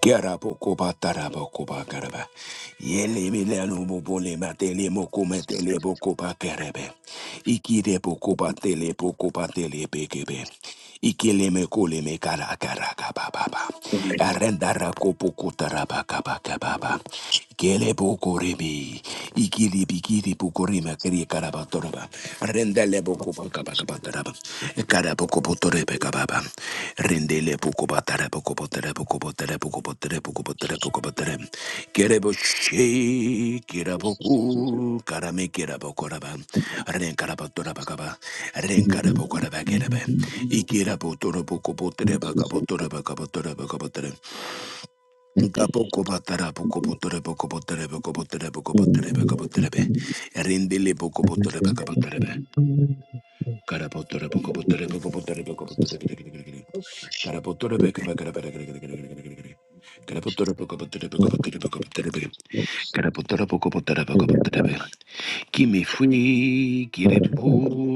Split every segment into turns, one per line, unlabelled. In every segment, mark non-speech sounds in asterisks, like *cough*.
Kerabokobatarabokobakaraba. Yelemelanobobolematelemokometelemokobakarebe. Ikirebokobatelebokobatelebekebe. Ikelemekolemekarakarabababa. Arendarakopokotarabakarabababa. Kele bukurimi. Ikili bikili bukurima kiri karabatoraba. Rendele bukuba kabakabataraba. Karabukubutorebe kababa. Rendele bukubatara bukubatara bukubatara bukubatara bukubatara bukubatara. Kere bushi kira buku karame kira bukuraba. Ren karabatoraba kaba. Ren karabukuraba kerebe. Ikira butoro bukubutere bakabutora bakabutora bakabutora. Gapoco batara Poco botere poco Gabokobotara bokobotere bokobotere bokobotere bokobotere poco be. Rindele bokobotere Carapotore poco potere poco potere poco potere Carapotore poco potere
Thank
poco potere Carapotore poco potere poco potere poco potere Carapotore poco potere poco potere Kimi fui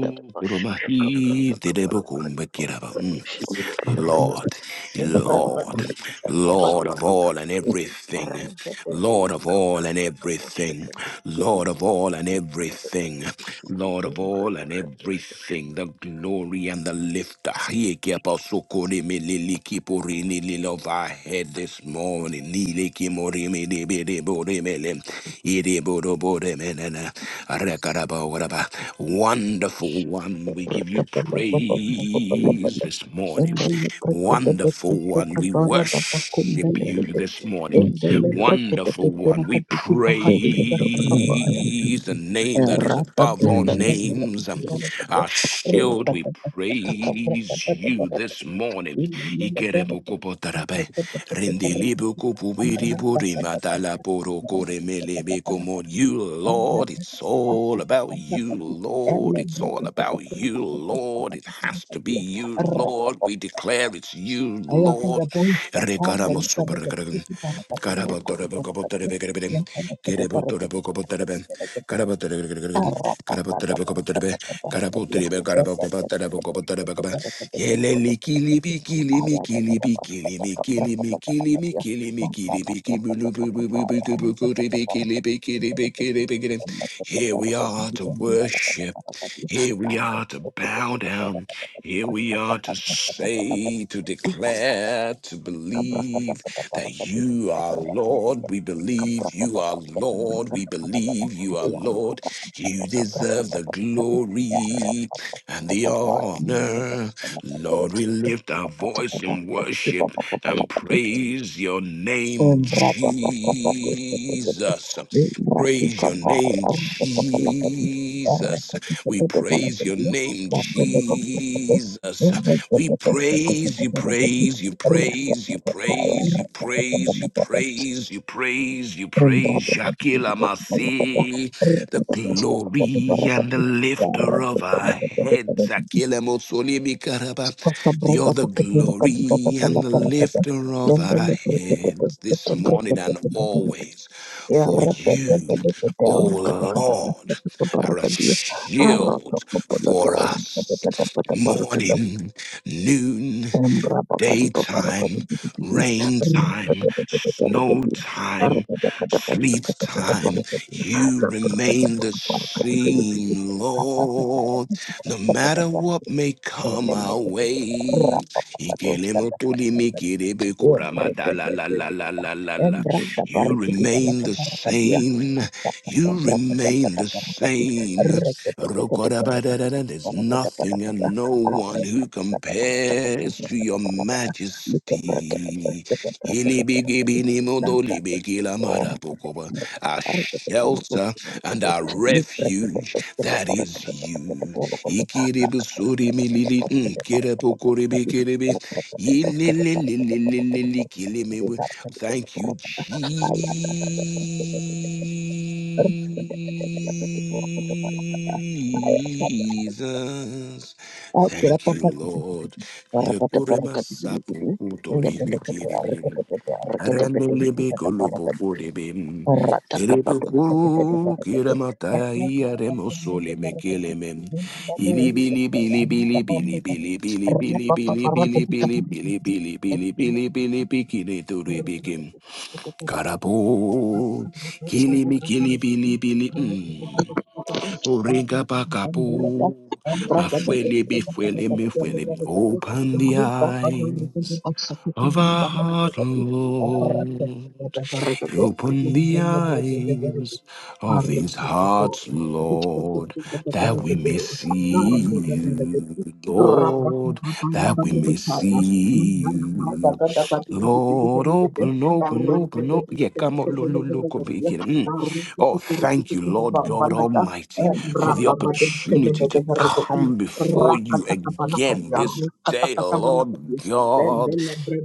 Thank
romahi terebukumbe kiraba. Lord, Lord, Lord of all and everything, Lord of all and everything, Lord of all and everything, Lord of all and everything, the glory and the lifter. lift. Yeke pasokore melele kiporini lele Of our head this morning. Lele kimori me, bele bore mele. Ere boro bore mele na. Arakaraba waraba. Wonderful one, we give you praise this morning. Wonderful one, we worship you this morning. Wonderful one, we
you.
praise the name that is
Rapper,
above all names. Um, Our
you.
shield, we praise you this morning. Ikerebokobotarabe, rendelebokopubiriburimataleporokoremelebekomo. You, Lord, it's all about you, Lord. It's all about you, Lord. It has to be you, Lord. We declare it's you, Lord. Rekaramosoberegregen. Karabotorebokobotorebekerebere. Kerebotorebokobotorebe.
if
Karabotorebekerebere. Karabotorebokobotorebe. Karabotorebe, karabokobotorebokobotorebekebe. Yelelikilimikilimikilimikilimikilimikilimikilimikilimikilimikilimikilimikilimikilimikilimikilimikilimikilim. Here we are to worship. Here we are to bow down. Here we are to say, to declare, to believe that
Kabrakatapatabrakati,
you are Lord. We believe you are Lord. We
Erekekekekekekekabrakatapakatabrakatabrakata,
believe you are Lord. You deserve the
Eyamakatakatakabrakatabrakati,
glory and the honor.
Erepapapapayamakatakatapakati,
Lord, we lift our voice in
Bekakatapapakati,
worship and
Kipapapapalakati,
praise your name,
Embrakapapapakekekekeke,
Jesus. Praise your
Imbrakikabaya,
name, Jesus. We praise your
Erekekekekekekekekekekeke,
name,
Bandolekekekekeke,
Jesus. We praise you,
Erekekekekekekekekeke,
praise you, praise you, praise you, praise you, praise you, praise you,
Thank
praise Shakila Masi, the glory and the lifter of our heads, Akila Mosoli Bikaraba, the other glory and the lifter of our heads this morning and always. For you, O Lord, are a shield for us
you.
morning noon, daytime, rain time, snow time, sleet time. You remain the same, Lord, no matter what
Thank
may come our way.
Yebrekebetu.
Ikelemotolimikidebekuramatalalalalalalala.
Embranda
You
parikiti
remain
palaka
the
parakadia.
same.
Asaka
You
kabrakata
remain
pada
the
parakati.
same.
Reketetetete parakati.
Rokorabadadada, There's
Parakata
nothing
parakata.
and no one who
Arekata kata pacata
compares to
kabrakata
your
parakata. Like brakete
majesty.
peskete brakete parakati. Nanta Orekete
Ilibigibinimodolibigilamadopokoba,
brakete.
Our
Arekete parakati.
shelter and our
Like brakete
refuge,
peskete
that is
parakete parakete
you.
parakete. Kakata kata kata
Ikiribusurimilili, mm,
peskete parakata
kirepokoribi,
parakati.
kiribi,
Rapa
ilililililili, kilimi. Thank you, Jesus. Thank you, Lord. Nekuremasapu kutorimekiribim. Arandelebekolopokorebim. Erebekukiremataia remosolemekelemem. Billy, Billy, Billy, Billy, Billy, Billy, Billy, Billy, Billy,
papa rapa
Billy, Billy,
buka buka
Billy,
buka.
Billy, Billy, Billy, Billy, Bikini to
Thank
Ribikim. Karapo. Kili me,
you.
Kili, Billy, Billy,
Rabba
mm. Uringa Bakapo. Mafuele, Bifuele, Mifuele. Open the eyes of our heart, Lord. Open the eyes of these hearts, Lord, that we may see you, Lord, that we may see you. Lord, open, open, open, open. Yeah, come on, look, look, look, over here. Mm.
Rabba
Oh, thank you, Lord God Almighty, for the opportunity to come before you again this day, Lord God.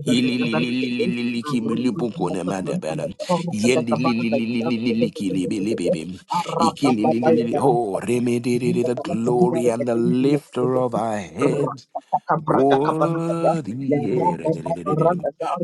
Ililililililiki milipuko na madabara. Yendilililililiki libilibibi. Ikilililili- Oh, remedy the glory and the lifter of our heads. Worthy. yeah,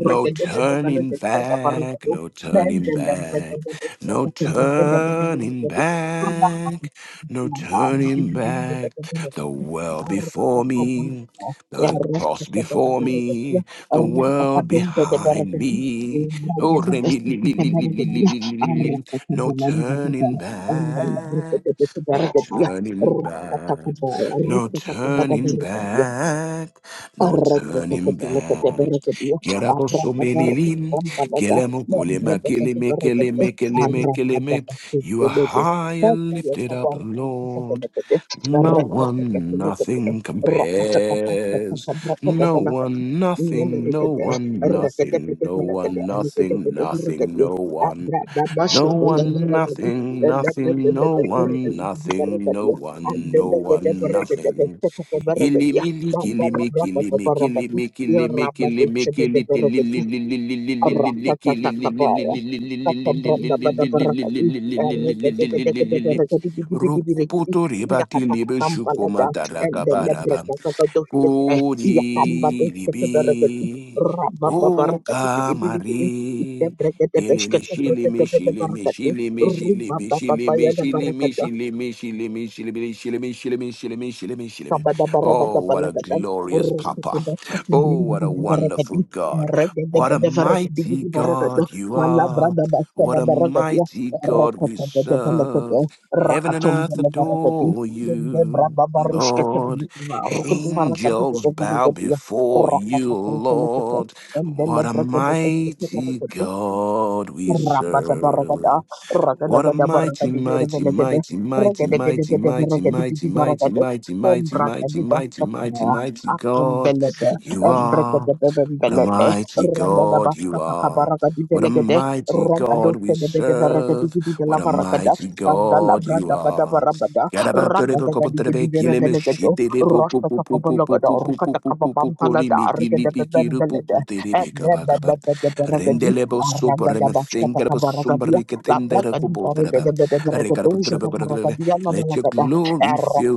No turning back, no turning back, no turning back, no turning back. The world before me, the cross before me, the world behind me. Oh, re- li- li- li- li- li- li- li- li- li- li. no turning back. No turning back, no turning
Rasta
back, no
Thank
turning back. Get up, Osomelilin, Kelemo Kulema, Keleme, Keleme, Keleme, Keleme. You are high and lifted up, Lord. No one, nothing compares. No one, nothing, no one, nothing, no one, nothing, nothing, no one.
Rabba
Ele me, shile me, shile me, shile me, shile me, shile me, shile me, shile me, shilimi, me, shilimi, me, shilimi, me, shilimi, me, shilimi, me, shilimi, me, shilimi, me.
Sabada
Oh,
barabada
what a
balagada,
glorious
urrakati
Papa.
bakkati
Oh,
brindu
what a
baragadi,
wonderful God.
regada
What a
bada varagadi
mighty
gidi
God
baragada,
you are.
malabrada
What
bakkada
a
baragadi,
mighty God we
Rakata bada
serve.
balagada,
Heaven and
rakatum
earth
bada baragadi,
adore
yende
you,
braba barushkete
Lord.
bilikuma, rukudu varagadi
Angels
bada
bow
varagadi,
before
rakata
you,
kuru kulekete,
Lord.
and then the
What a
bragada bakkati
mighty
baragadi,
God we
Rapata barakada,
serve. What a
rakadagada
mighty,
barakadiga
mighty,
velegade,
mighty, mighty, mighty,
rakadagadagada
mighty, mighty,
rakadibidi
mighty, mighty,
barakade, om
mighty, mighty,
brakadida
mighty, mighty,
kataya,
mighty
akum
God
belede,
you
em
are.
brakadabem
What a
belede,
mighty
ragada
God you
basaka
are.
barakadi
What a
velegade,
mighty God
ragado
we
sedebede
serve.
varakadibidi de la
What a
varakada,
mighty
andala
God you
brada bada
are.
barabada,
Let your glory
ragadagadibidi
fill
velegado, rasa kabalogada, rukata kababam palada, argada bebem belede, em bebebebebe Aragadabashkatakabaragadía, la bragadibaregadebedeberagadouja dabaragadía, la balagada,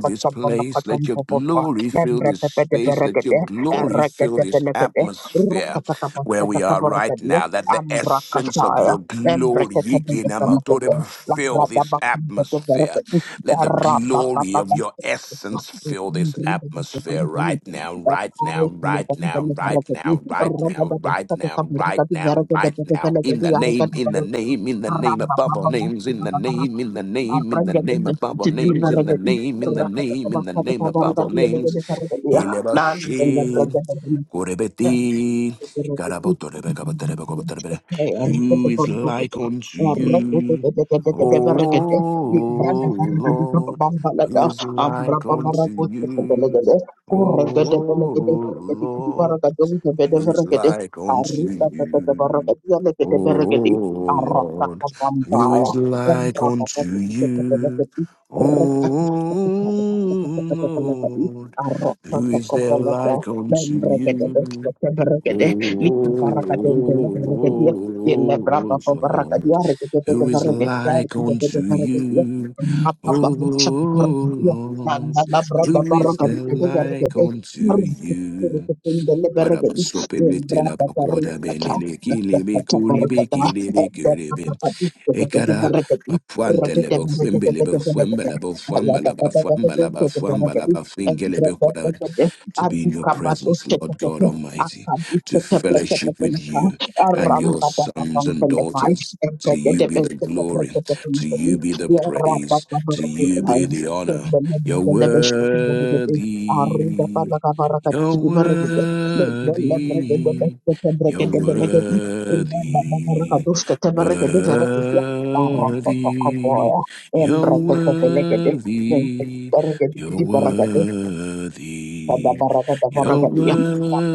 this place. Let your glory fill this space. Let your
lembrepepedeberagadé,
glory fill this
erregetepelegedé,
atmosphere where we are right
rukatakabashkatakabaragadía,
now. That the essence of
ambrakataya,
your glory
embreketebedeberagadé, la
fill this atmosphere.
bradabakumbedeberegadú,
Let the glory of your essence fill this atmosphere right
errababababashkatakabaragadú,
now, right
I am
now,
the
right now, right
king of
now, right now, right now, right now, right now. In the name, in the name, in the name above all names, in the name, in the name, in the name above all names, in the name, in the name, in the name above all names. Yelebashin,
the world.
Korebeti,
Arrakata
Karabotorebekaboterebekoboterebe. Who is like unto you? Oh Lord, who is like unto you? Oh Lord, who is like unto you? Oh Lord, who is like unto you? Oh Lord, who is there like unto you? Oh
Lika barakatunde le berakadia. Yele braba
Lord,
ba barakadia. Rekete de
who is
barakadia.
like
Rekete
unto
de barakadia.
you? Oh
Rapa ba mucha barakadia.
Lord,
Manda la braba
who is
barakadia
there
de
like
barakade.
unto you?
Rekete le barakadi.
Barabasope
Yele
metela
braba
bakoda
barakata.
belele kili
Rekete
bekuri
barakata.
bekili
Rekete
Ekara
barakadi. Rekete
Bafuantelebo
barakate barakate
Fimbelebo
barakate.
Fuembelebo
Allah ta ta
Fuembelaba
ta ta ta
Fuembelaba
ta ta barakadi.
Fuembelaba
Rekete
Fingelebo Kwaraba.
barakate.
To be in your
Aduka
presence, Lord
batu.
God
Thank
Almighty, to fellowship with you and your sons and daughters. To you be the glory, to you be the praise, to you be the honor. You're worthy, you're worthy, you're worthy. Worthy, you're worthy, you're worthy, you're
you.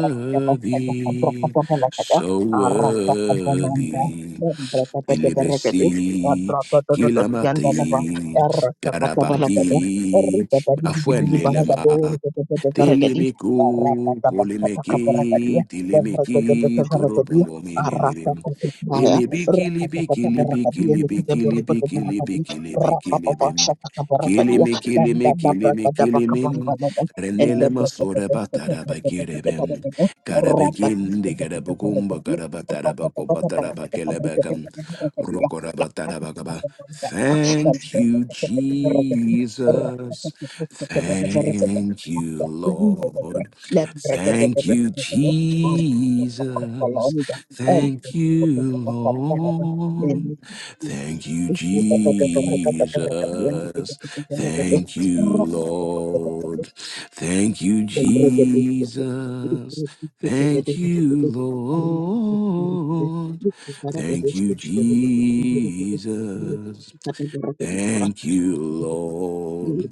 Rapa dan
so worthy. Ilibesi, Kilamati, Karabaki, Mafuenlelema, Telemeku, Polemeki, Telemeki, Toro Pombo Mililim. Billy Bikili Bikili Bikili Bikili Bikili Bikili Bikili Kili me, kili me, Kilimi, kilimi, kilimi, kilimi.
dan Thank
Renele masora batara bakirebem. Karabekin de karabukumba karabatarabakoba tarabakelebekam. Rokorabatarabakaba. Thank you, Jesus. Thank you, Lord. Thank you, Jesus. Thank you, Lord. Thank you, Jesus. Thank you,
you.
Lord. Thank you,
Thank
Jesus. Thank you, Lord. Thank you, Jesus. Thank you, Lord.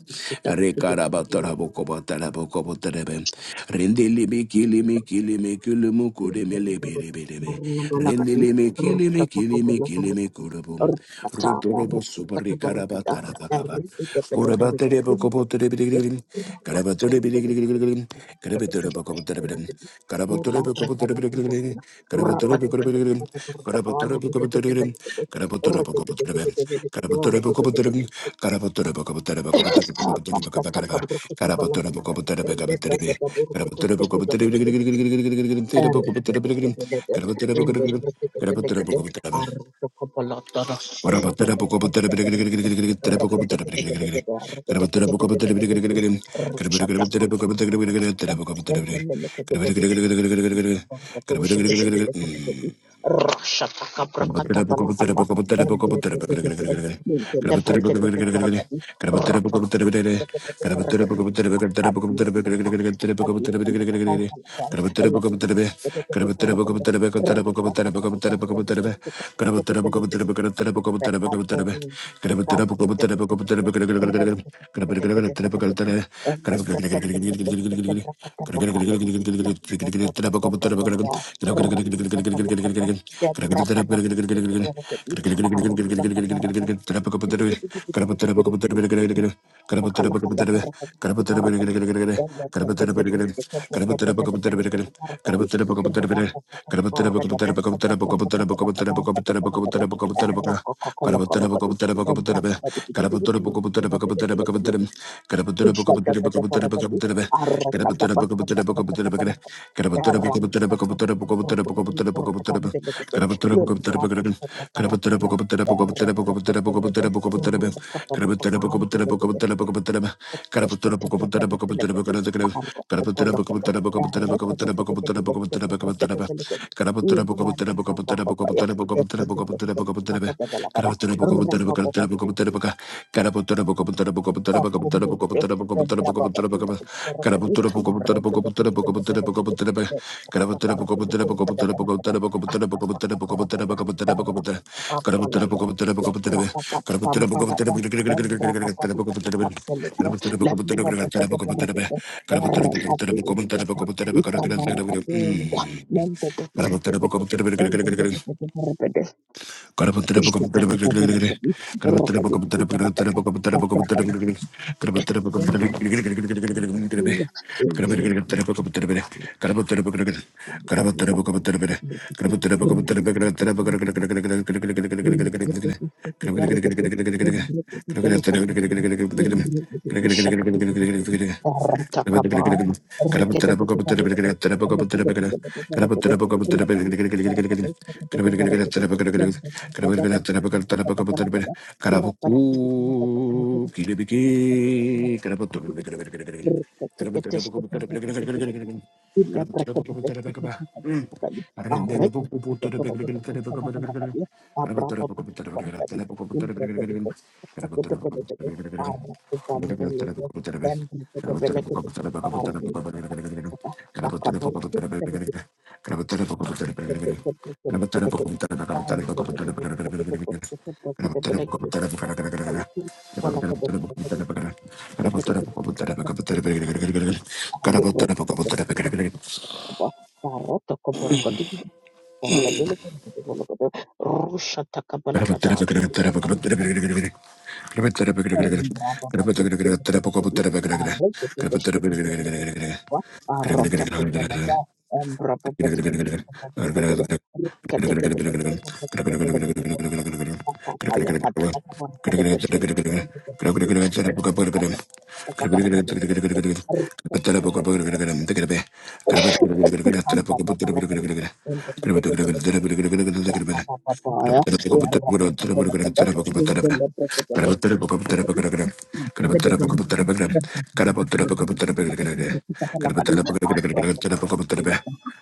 you.
Rekarabakarabokobatarabokobatarabem. Rendelebekelemekelemekelemukuremelebelebelebe. Rendelebekelemekelemekelemekurubum. Rotorobosubarikarabatarabakaba. Korabaterebokoboterebelegrim. Karabaterebelegrim.
Rakete
Karabaterebokoboterebelegrim. Karabaterebokoboterebelegrim. Karabaterebokoboterebelegrim. Mm. Grab
Rakadi, Thank
Karabatara
Thank
Karabatara
you. Thank
Mm.
you. Thank
Gracias.
you.
Mm. Rendele poco puto de pegar el teléfono para que el carabotero poco puto de pegar el teléfono para que el carabotero poco puto de pegar el carabotero poco puto de pegar el
Rakata
carabotero poco puto
Ile
de pegar el
Thank you.
Gracias.
Koba, Barota Koborakati, Barakadolo, Barakadolo, Rusha Takabalakada, Arota Kobalada, and Rapapati,
Gracias.
Katakaya, Rekam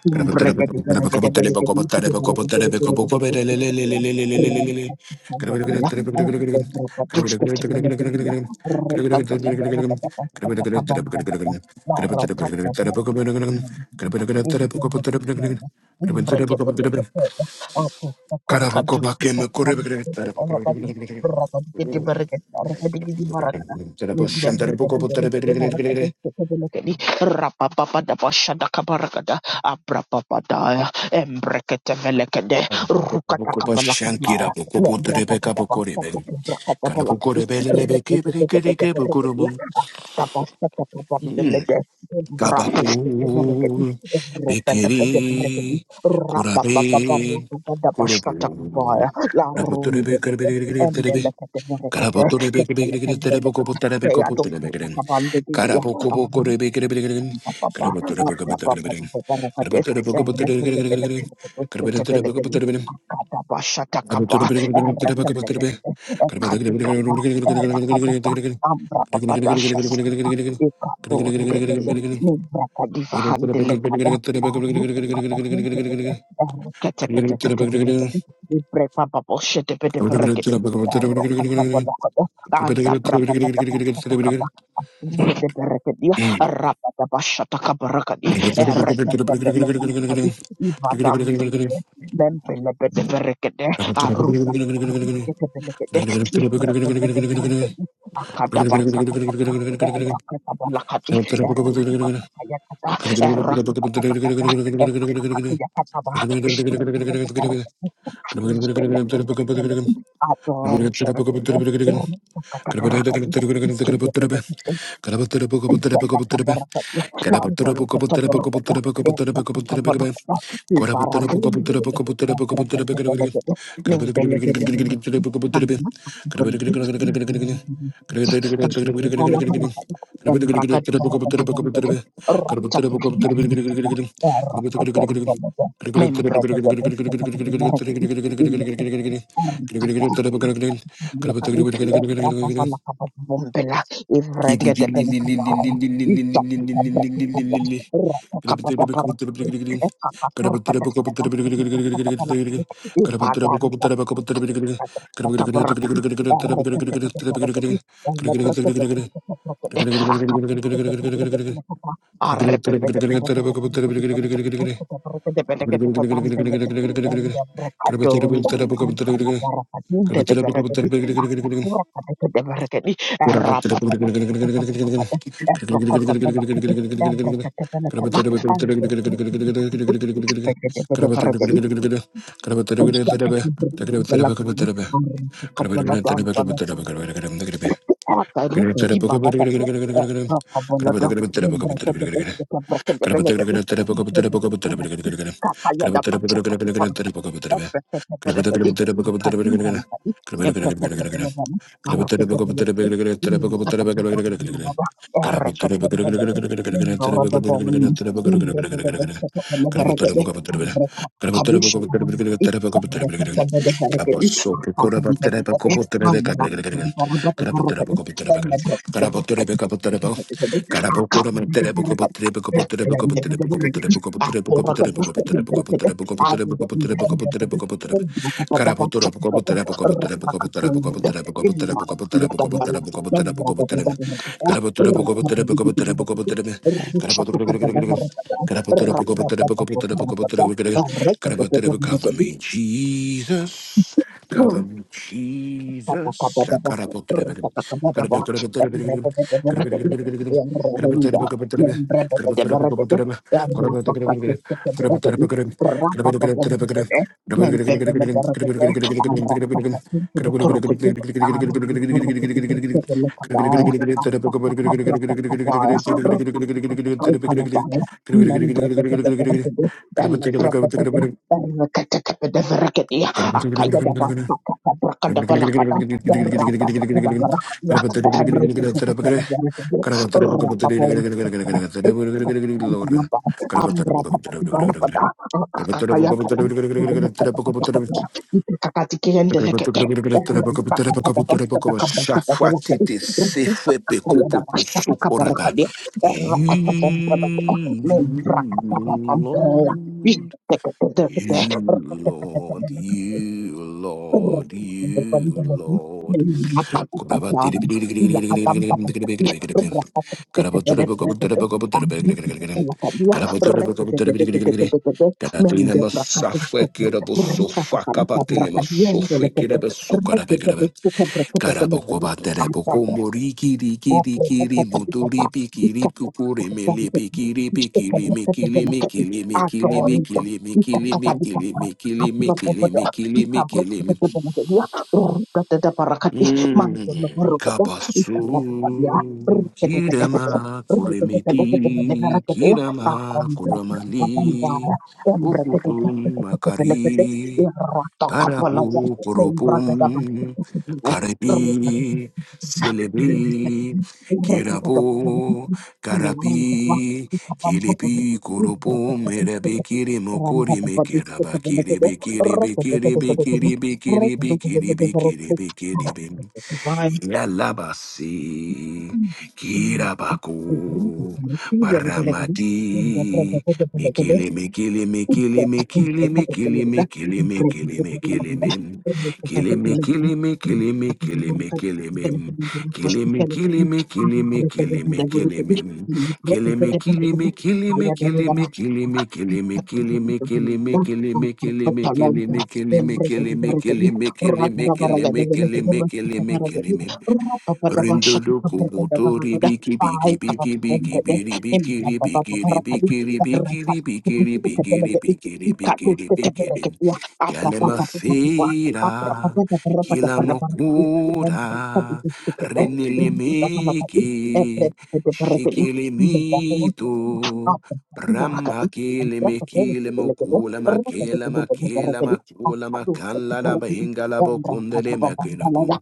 Gracias.
Rapa
Kana poko poko shankira poko putre beka poko riben. Kana poko riben lele beke beke beke beke poko rumum. Kapa ku beke ri kurabi kurupu. Na putre beke beke beke beke putre be. Kala putre beke beke beke beke poko putare beko putare beken. Kala poko
Thank
poko ribeke beke beken. Kala
Anda
putre beka beka beken. Kala putare poko putare beke beke beken. Kala beke beke beko putare beken. Thank you.
berapa pada Zedeberekadia, Rapatabashatakabrakadi, Erekatebelekarakadi, Ivadam, Bembelebedeberekede, Aruta. Ekebelekede, Ibrebedeberekede, Akadabashatakabra, Erakatabalakadi,
Thank
Ekakukakatayakata, Erakatakatakata, Ekakakatayakataba, Ibrebedeberekede,
you.
Ibelebedeberekede,
Gracias.
Adonderekede, Erakatakabarakadi, Membre
Gracias.
de Rakali, Evrava la Kaba Bombela, Evrege de Bele Kaba, Ijaka Kaba Kaba, Raka Kaba Kaba Rakali, Ekaka Kurka Kaba Kaba, Evraka Kaba Rakali, I
Gracias.
don't know. Thank
Gracias.
you. Ebreketebelegedi, Kadimbalakadi, Ebreketebelegedi, Maroketebelegedi, Irkatabelegedi, Erketebelegedi, Indorodobondi, Imbreketebelegedi, Ebrekatadushabelegedi, Ebreketebelegedi, Akatabelegedi, Amraketebelegedi,
Cover
Ebreketebelegedi, Akatabelegedi, Ebreketebelegedi, Akatabelegedi, I'm gonna make you
me, Jesus.
mine.
Cover me,
Thank
Jesus. Cover
you.
Lord,
Rakata
you, Lord, you, Lord, you, Lord. Sofa Karaboko batere poko
Thank
mori kiri kiri kiri muturi pikiri pupuri mili pikiri pikiri mikili mikili mikili mikili mikili mikili mikili mikili mikili mikili mi- Mm. Kapasu kirema kuremiti kirama kuramani ukutum makari Karapu poropum,
Thank
karapi, selebi, kirapo,
Divine.
karapi, kiripi koropum, erabi kirimo korime kiraba kiribi kiribi kiribi kiribi kiribi kiribi kiribi kiribi Yalabasi, Kirabaku, Baramati, Mikili, Mikili, Mikili, Mikili, Mikili, Mikili, Mikili, Mikili, Mikili, Mikili, Mikili, Mikili, Mikili, Mikili, kilimim, kilimi, kilimi, kilimi, kilimi, kilimim, kilimi, kilimi, kilimi, kilimi, kilimi, kilimi, kilimi,
Thank
kilimi, kilimi, kilimi, kilimi, kilimi, kilimi, kilimi, kilimi, kilimi, kilimi, kilimi, kilimim. Rindo do kubuto ribiki biki biki biki biri biki ribiki ribiki ribiki ribiki ribiki ribiki ribiki ribiki rim. Kalemasira, kilamokura, renilimiki, shikilimito,
you.
Ramakele mekile mokula makela makela makula makala la bahinga la bokundele mekele bom.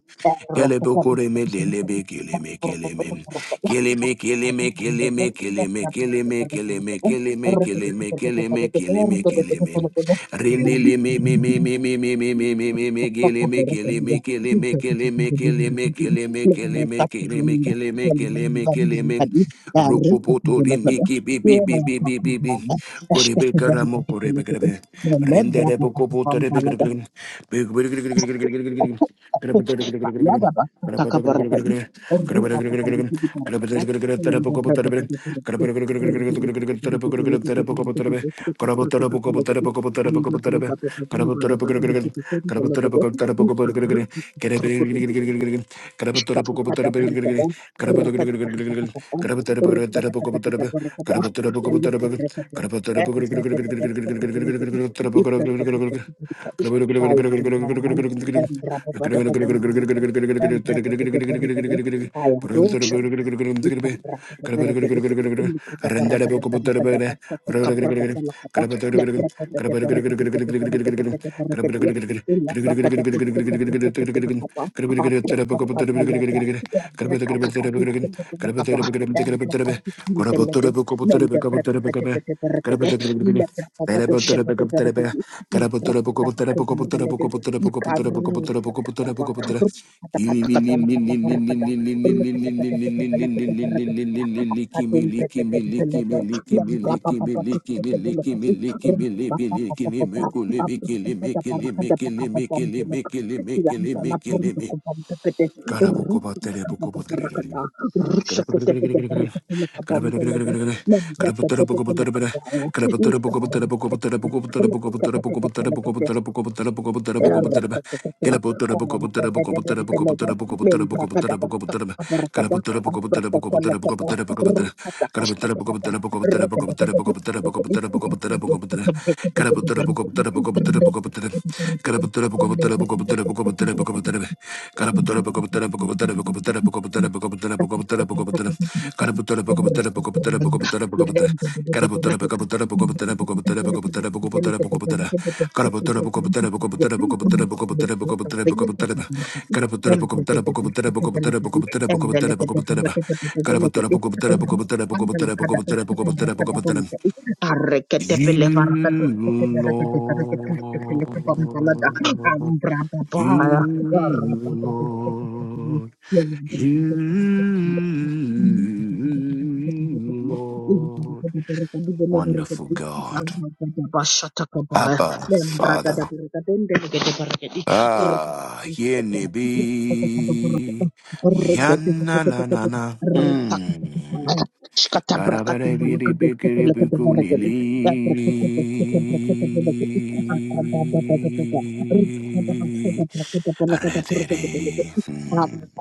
Kele bokore me lele be kele me kele me. Kele me kele me kele me kele me kele me kele me kele me kele me kele me kele me kele me. Rindele me me me me me me me me me me me
Thank
kele me kele me kele me kele me kele me kele me kele me kele me kele me kele me kele me boto rimiki bi bi bi bi bi bi bi korebe karamo korebe korebe rendere boko boto rebe
you.
korebe Gracias.
Shut Itabraka de Beregede, Ulika de Baraka de Baraka de Barca to Cabra de Balacata, Lebraka de Beregede de Beregede de Beregedia, Illa Braca de Bosca de Breke de Belecaba, Abraca de Balada,
Kili,
Ebreka Catabisca de Belecaba, Embroca de Lede, Mende Breka de Bede Beregede, Lebraka de Shebe de Beregede, Ibraka Tabaco de Lede, Icarusha Cataba, Thank
Karabukobaterebukoboterere. Karabukoboterebere. Karabukoboterebere. Karabukoboterebere.
you. Thank
Karabukoboterebukoboterebukoboterebukoboterebukoboterebukoboterebukoboterebukoboterebukoboterebe. Karabukoboterebukoboterebukoboterebukoboterebukoboterebukoboterebe. Karabukoboterebukoboterebukoboterebukoboterebukobotere. Karabukoboterebukoboterebukoboterebukoboterebukoboterebukobotere. Karabukoboterebukoboterebukoboterebukoboterebukobotere. You,
you.
Lord. You,
Ambra
Lord.
Yolanda,
You,
Shkata
Lord. Wonderful God. Abba, Father. Ah, yenibi. Yana la na na. Mm. Karabarebidibikidibikunili. Arerere. Hmm.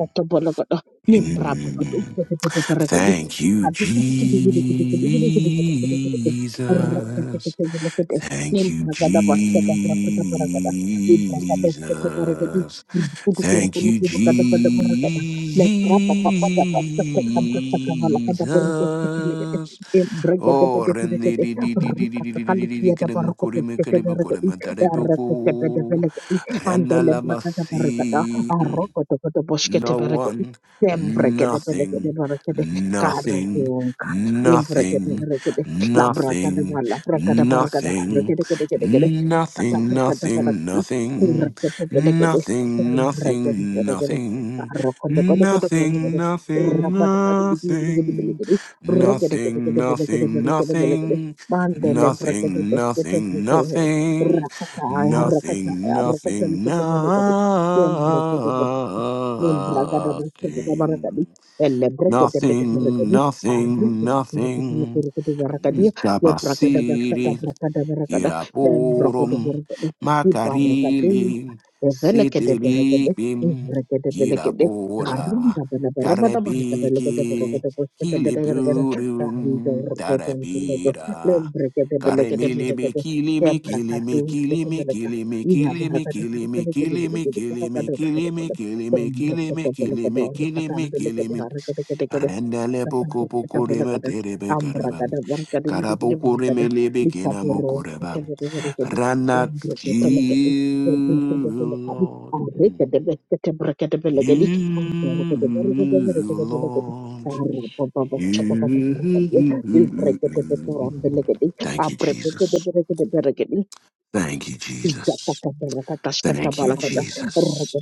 Nimbra babadu
Mm.
tete tete parakadi.
Thank you,
Padu kiti kiti kiti kiti kiti kiti kiti kiti kiti kiti kiti. Arre tete
Jesus.
tete tete tete.
Thank you,
Nimbra kada basta kada kada parakada. Nimbra kada tete parakadi.
Jesus.
Kudu kudu
Thank
kudu
you,
kudu kada kada parakada. Nimbra papa papa basta kada kada vala kada parakada tete legede.
Jesus.
Nimbra kada
Oh,
kada kada
rende di
kada.
di di
Arre
di di di
kaka
di di di
kali
di di
kia da
kere
parakada
mukuri me
tete
kere mukuri
parakadi. Arre tete tete tete
buku.
legede.
Rana
Andele
la
brakada parakada. Arro koto koto boshkete
no
parakada.
one,
Sempre che de pelle che de
nothing,
nore che de caro
nothing,
unca impre che de
nothing,
nore che de la braca de
nothing,
balla braca de
nothing,
braca de abre che de che de che de
nothing, nothing, nothing,
Sembrekete pelekete
nothing,
barakete karo de imbrekete berekete labrakete balabrakete barakete de kete kete kete kata brekete de kurekete pelekete sembrekete
nothing,
berekete
nothing.
karo kondo kondo kondo kondo
Nothing,
kondo
nothing,
rabata bati bidi bidi kete
nothing,
pelekete rekete kete
nothing,
kete pelekete
nothing,
berekete pelekete
nothing,
mandele brekete
nothing,
beskete
nothing,
brekete
nothing,
rakata
nothing,
de rakata
nothing,
kete pelekete Nin bragada basta barakadi. Elle
nothing,
brekete pete
nothing,
barakadi.
nothing,
Arrete kuturukutu
nothing.
kurukutu barakadi. Le bragada basta
Ikabasiri,
barakada barakada. Ben bragada
Kiraporum,
barakadi. Ki barakadu.
Makarili,
Evelekede barakade.
Setelikim,
Evrekede belekede.
Kirapora,
Arrinda bana barabada barakada lekede
Karepiki,
barakada basta barakada. Arrinda
Kilipurum,
urdoto urdoto. Le
Tarapira.
brekete belekede
Karemilimi
barakade. Le
kilimi
brakadu.
kilimi
Kete
kilimi
belekade.
kilimi
Iya
kilimi
barakada.
kilimi kilimi
Belekede
kilimi
belekede.
kilimi
Barakada.
kilimi
Ambra
kilimi kilimi kilimi kilimi Rendele poco poco rema terebe Karabokoremelebekinamokoreba. Rana, you, Lord. You, Lord. You. Thank you, Jesus. Thank you, Jesus. Thank you, Jesus.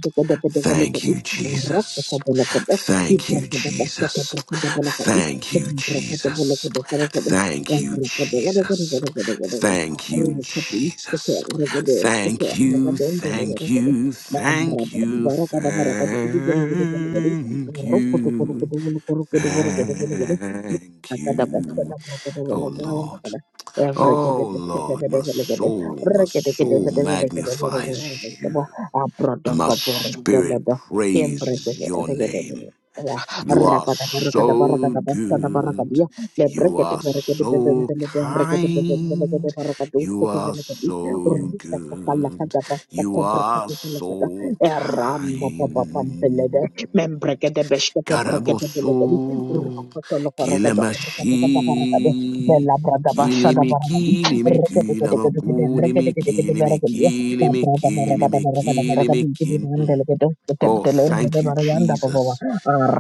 Thank you, Jesus. Thank you, Jesus. Thank you, Jesus. Thank you, Jesus. Thank you, Jesus. Thank you, thank you, thank you, thank you. Thank you. Oh Lord. Oh Lord, my
Every
soul, my
Rabba
soul magnifies you, and my spirit praises your name. You are so good. You are so kind. You are so good. You are so kind. Karaboso, kilemashi, kilimi
Kaya
kilimi
dos, kibra kadu, kibra kibra
kilamakuni mi kilimi kilimi kilimi kilimi kin. Mm. Oh, thank you, Jesus.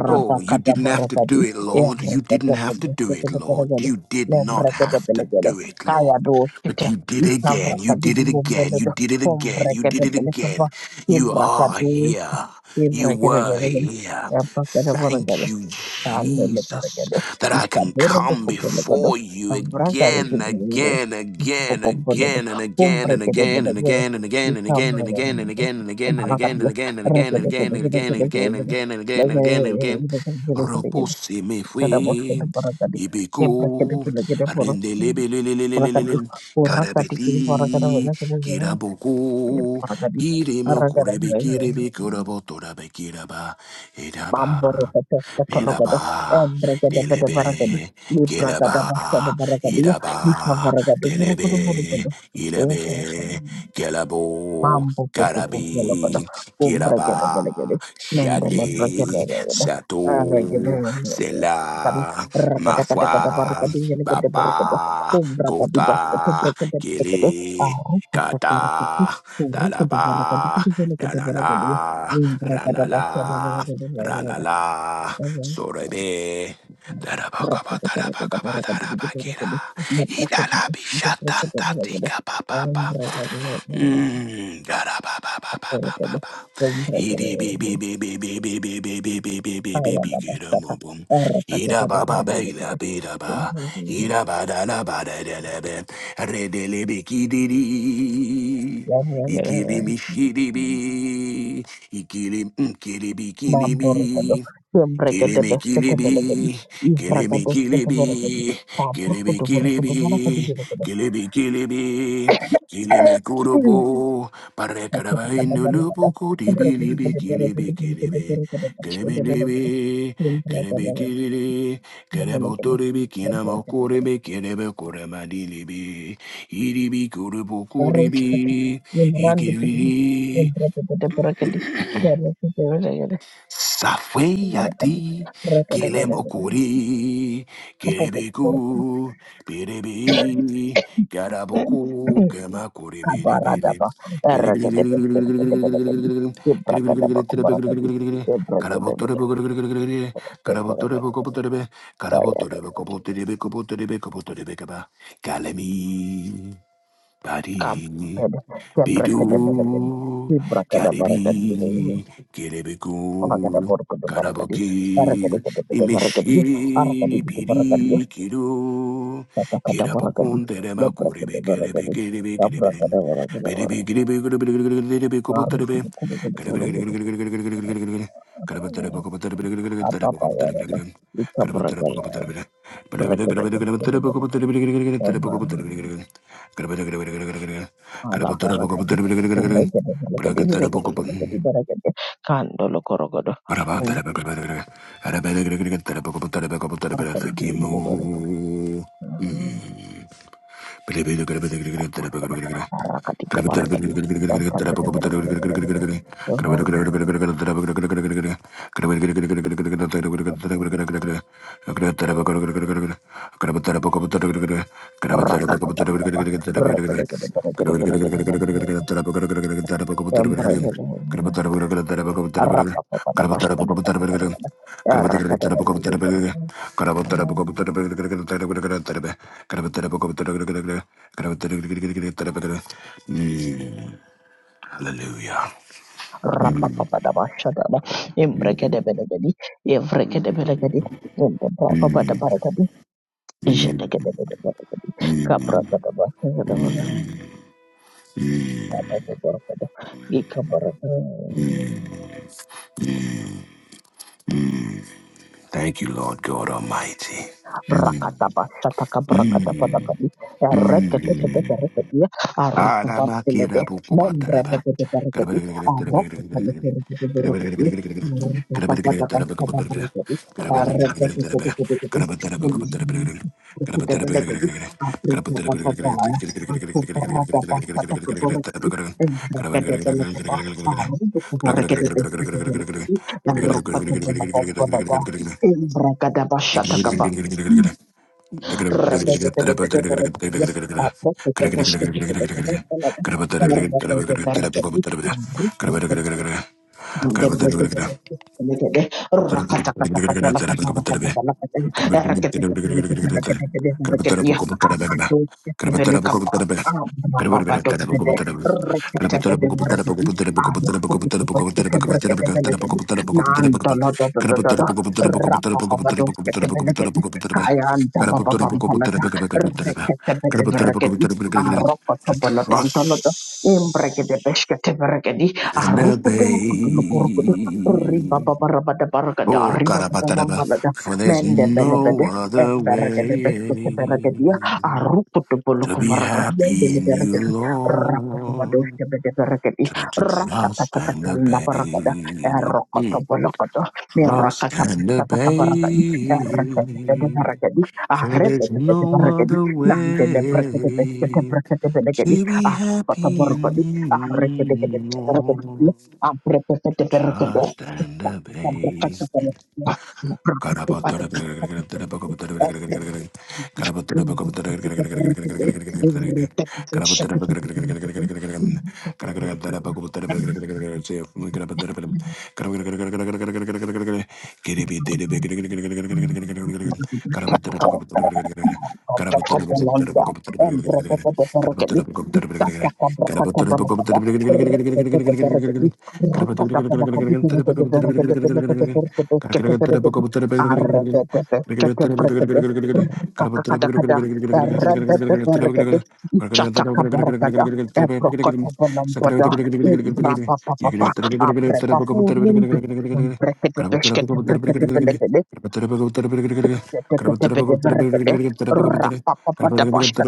Oh, you didn't have to do it, Lord. You didn't have to do it, Lord. You did not have to do it, Lord. But you did it again. You did it again. You did it again. You did it
kibra
again. You are here. You
kibra
were here.
kibra kibra
Thank you,
I am
Jesus, that I
not
can come before you again, again, again, again, and again, and again, and again, and again, and again, and again, and again, and again, and again, again and again and again and again and again and again and again and again and again and again and again. Repoussez mes fouets. Ibeko, rendelebelelelelelelel, karabeti, kiraboko,
a
kiremo kurebe
person.
kirebe kurabotoraba kiraba,
Bamboro
edaba.
Petesta Tologado,
Bilaba,
Embregada Bede Baragadi,
Dilebe,
Libragada
Gilaba,
Basta de Baragadia,
Idaba,
Licavaragado,
Dilebe,
Murugudu Murugudu, Yes,
Idebe, Gilabo,
Bambo Popologado,
Garabi, Gilaba,
Umbregada Belegade, Nendele
Shadi,
Bragada, Regada,
Sato, Sela,
Rakada
Mafwa,
Katakada Baragadi, Yelegade Borogado,
Papa,
Umbragadi
Kota,
Basket, Bregada Pekade,
Gili.
Aruka Kataraki,
Kata,
Uruka Baragadi,
Talaba,
Yelegade Baragadi,
Dalala,
Libragada Basta
Ranala,
Baragadi,
Ranala, Sorebe,
Thank
Darabakaba, Darabakaba, Darabakira, Idala Bishatan Tatika Papa, Darababa, papa, papa. Ikilim, ikilim, ikilim, ikilim, ikilim, Kilimi kilibi, kilimi kilibi, kilimi kilibi, kilimi kilibi, kilimi kurubu, parekaraba indulubu kudibi libi kilibi kilibi, kilimi libi, kilimi
you.
kilili,
Kabara
kilibu turibi kinamo kuribi kilibi kuramadi libi, iribi kurubu kuribi, ikiribi, Safeyati Kilemokuri Kiribiku Piribi Karabuku Kemakuri Miribiri Karabotorebe Karabotorebe Karabotorebe Kopoterebe Karabotorebe Kobotorebe Kobotorebe Kobotorebe Kaba Kalemi Badi, Bidu, Garibi, Gerebeku, Karaboki, Imishi, Piri, Kiru,
Rakadavaragadi,
Kirabokun, Terema, Korebe, Kerebe,
Labrakadavaragadi,
Kerebe, Kerebe, Para
Labrakadavaragadavar- Barukudukudukudukudukuduk. Apapayaraba, Ikabragada, Brakadabrakadabra- Ava- Alabaragadi, Uregadabalagadi,
cantar a poco
Viregadabalagadi,
por.
Baragadi, Kandolokorogodo, Umparakadibidibidibaragadi, Arakadikabaragadi, Labrakadabrakadabalagadi, Ava-
Mm. Mm,
Rapapakadibapa, Rakadakadabarakadabalagadi, Baragadi, Embragadabra- Rabba
Hallelujah. Thank you, Lord God Almighty. Mm,
rakataba shataka brakataba
mm,
rakadi rekete kete
mm.
rekadi
Ah,
arukuba pelede membre de kete rekadi aroku pele rekete rekadi rakata kata kata rekadi rekete kete kete kete yeli rekete rekadi aprika papa pala aku berada pada keberkati dan mereka debel apa aku mereka debel debel dan rokat menapa pada dan mereka dapat
Gracias.
syatakaba Thank you.
To trust
Rekete
and
Arukutukutukurukudu.
obey.
Ribababarabadabaragada.
Oh, karabataraba.
Ribabababambalada.
For there's no
Mendebelebede.
other way
Emberegedebesketeberegedia.
to be
Arukutubulukuvaragadi.
happy in you,
Endelebregedi.
Lord,
Rakutubadoshkebedeberegedi.
to, to trust and obey.
Ratakatakatalabaragada.
Mm.
Erokotobolokoto.
Trust and
Mirakatabatsatakabaragadi.
obey.
Ereketebedeberegedi.
For there's no
Arebetebedeberegedi.
other way
Nandelebrekedebesketeberekedebelekedi.
to be happy
Arukutuburukudi.
in you, Lord, to
Thank
trust and obey. Karabotara
you. Copelanta, Embrebebebeberekedi, Isakakabrakakabarakada,
Gracias.
Rebebebeberekedi, Rakakabarakadiberekedeberekedeberekedeberekedesketeberekedi, Arebebebesketeberekede, Rakakakadakada, Rebebeberekede, Isatakabarakada, Ebrokotabelambada, Ibrapapapapa, Abrepapurundu, Umbrekedebeskedebrekedebelekede, Thank
Keep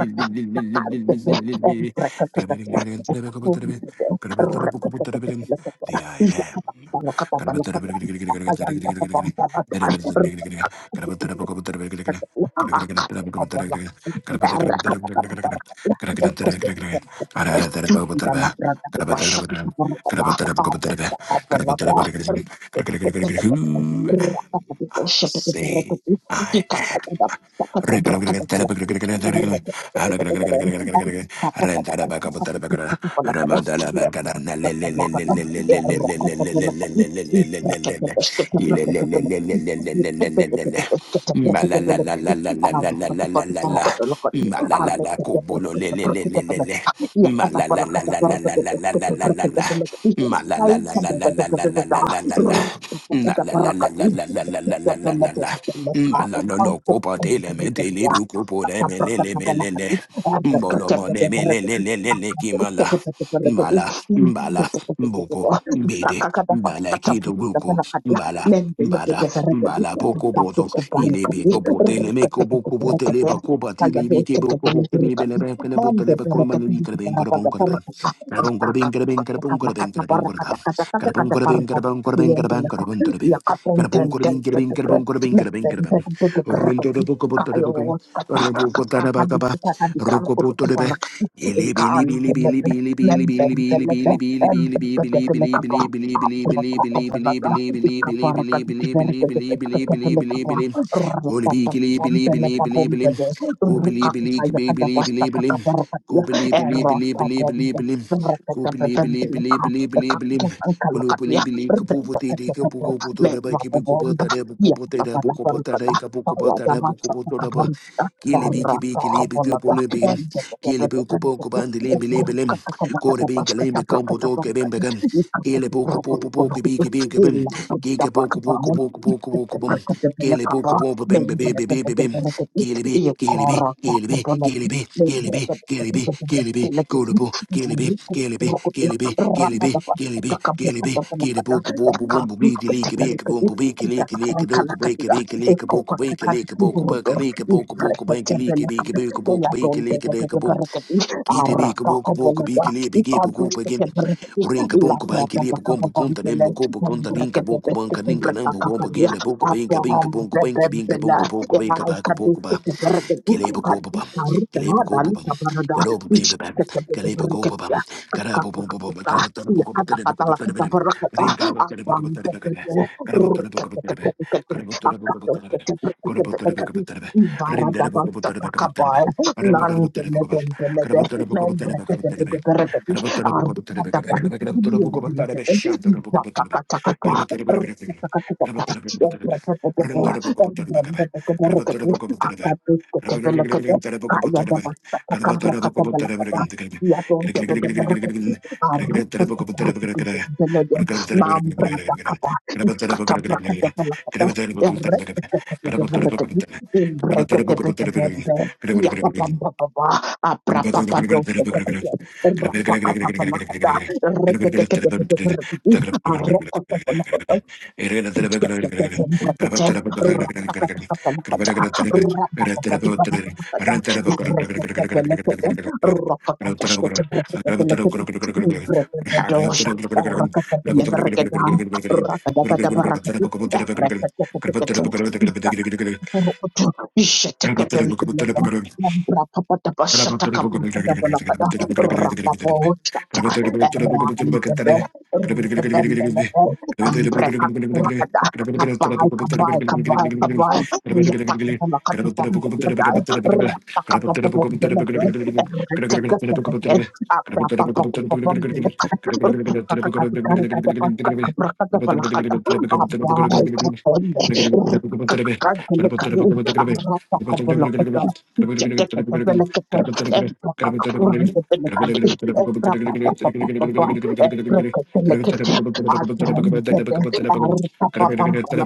you. Thank
The I am.
you. Thank
Who am I say I am. *laughs*
you.
Malala Ma la la la la la la la la la la la la. Na la la la la la la la la la la la la. Ma la no no kopa tele me
Kau
tele bu kopo le me le le me le le. Mbolo mo ne me le le le le le ki ma la. Mala, mbala, mboko, mbede, mbala kido buko, mbala. Bada, bada poco boto, ile beko bote le meko boko bote le bako bati le beke boko boke le bele beke le bote le beko manu li kreben kreben kreben. Kreben kreben kreben kreben kreben kreben kreben. Kreben kreben kreben kreben kreben kreben kreben. Kreben kreben kreben kreben kreben kreben kreben. Rondo
Thank
de boko bote le beko.
kayo
Reboko tana baka
kakabi
ba.
kakabi kan
Roko
kutu
bote le be.
kubarak
Ile
ikan
bili bili bili
delebe
bili bili bili
membem
bili bili
delebe
bili bili bili
embebe
bili
delebe
bili
kaba
bili bili believe, believe,
abra
believe,
tako
believe, believe,
belada
believe, believe,
ikabara kadi
believe,
kivere
believe, believe,
kede kete
believe, believe, believe,
bele
believe, believe,
kaba
believe. Holy
rapa
be,
tapa
believe,
pom
believe,
bele
believe,
pom
believe, believe.
bele
Go
ruka
believe, believe,
kita ya
believe,
kada
believe,
basta
believe, believe.
kakabara
Go
kadi ya
believe, believe,
era
believe,
tapa
believe, believe,
bide
believe.
rete
Go
kete
believe, believe,
bele
believe, believe,
kaba
believe,
kakku
believe.
angkala
Believe,
kadi ya
believe, believe.
rete
Kapu pote
kete
de kapu
kete
go poto
me
da ba
vapo
kibi kupo
bomba
ta da bu
ya
kupo ta da bu kupo ta
tapa
da kapu
Thank
kupo ta da bu kupo ta da ba. Kili bi kibi kili bi tu pole bi. Kili bi kupo kubandi limbi limbi lim binka lembe kombo doke bim gum. Gele boku boku boku biki binka bim. Gika boku boku boku boku boku bum. Gele boku boku bim baby baby bim. Gele be, gele be, gele be, gele be, gele be, gele be, gele be, go to bo, gele be, gele be, gele be, gele be, gele be, gele be, gele boku boku bumbu biki liki biki
you.
bumbu biki
Kita
liki liki
akan kalah
doku break it
kedua.
liki liki
Eko
boku
kata
biki
kata
liki boku
kiburdo.
baka liki boku boku
Ibreke
biki liki
cebele
biki
kata
biki boku
kaya
biki
donde
liki
dede
deka bum.
berketi.
Itebe kabo
Araka
kabo
kobola
kabi
da.
kile bige buko
Ikadus kete
bagin
berketi.
ring kabon
Ila
kaban
berada
kile buko
baka babam
bukunta nem
bele.
buko
Yang
bukunta ring
berke
kabo
bebe
kaban
kete
kanin kanan
berka
buko bagin
kakalia.
la buko bagin
Apa
kabin
ham
kabon kabin
bebe
kabin kabon
bela
kabo binka kaba kabo kaba kile buko baba
Kikakankalakadia, ekokakakadikiburudo, ivreketebelekade, teyadondedededebrekedi, arakakoboloda, ikadusketebrekedi, labradabakababambele, embrekedebesketebrekakakadia,
kile
abambebebela,
buko baba
ekadusketebrekedi, kadikarudaadalikabarada,
karo bagin baba kile buko baba
ishketebedebrekedia,
kara buko baba
kakakukaka,
kara buko buko buko buko buko buko
iyakatakatalakatabarakata,
ring kara buko buko buko buko buko
abambebebe,
kara buko buko buko buko kara buko buko buko buko kara buko buko buko buko ring kara buko buko buko buko Gracias.
Kaya Katabrakatabalakata, erekatatatabrakati, imbrekatatabrakata, yapapapapapa, aprapapadosatatatata, rapakatabalakata, erekatatatabrakati, arokatabalakata, Rakata
Gracias.
Rokoto, Shetekepempeleba, Lambra Papatapa
Gracias.
Shataka Brakabalakada, Rapapo Chata, Rambebe, Ribembele, Ambreka Kurakada, Kabai, Kabai, Kabai, Kabai, Yatakamakapi Pampelada, Rapakapapo Belebe, Retekepeke, Apapapo Pampeleka, Rupakakakari Kadapaska Brakadabalakada, Abai, Kaponde, Kakalakadu,
Gracias.
Arapakabulakata, Jetekatabelakata, Empakakuratabelakadi, Ebrapapapapapa, Ebrekatelekete, Adrampede, Arapapapambala,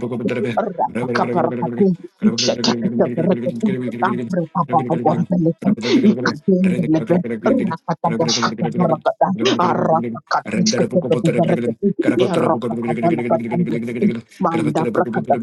Rapakabarakati, Jetekatabelakati, Abrapapapapapelete, Ikabendelebe, Rapakabarakata, Arapakadushkataberakati, Erapakabalakata, Manda
Rindere
prakata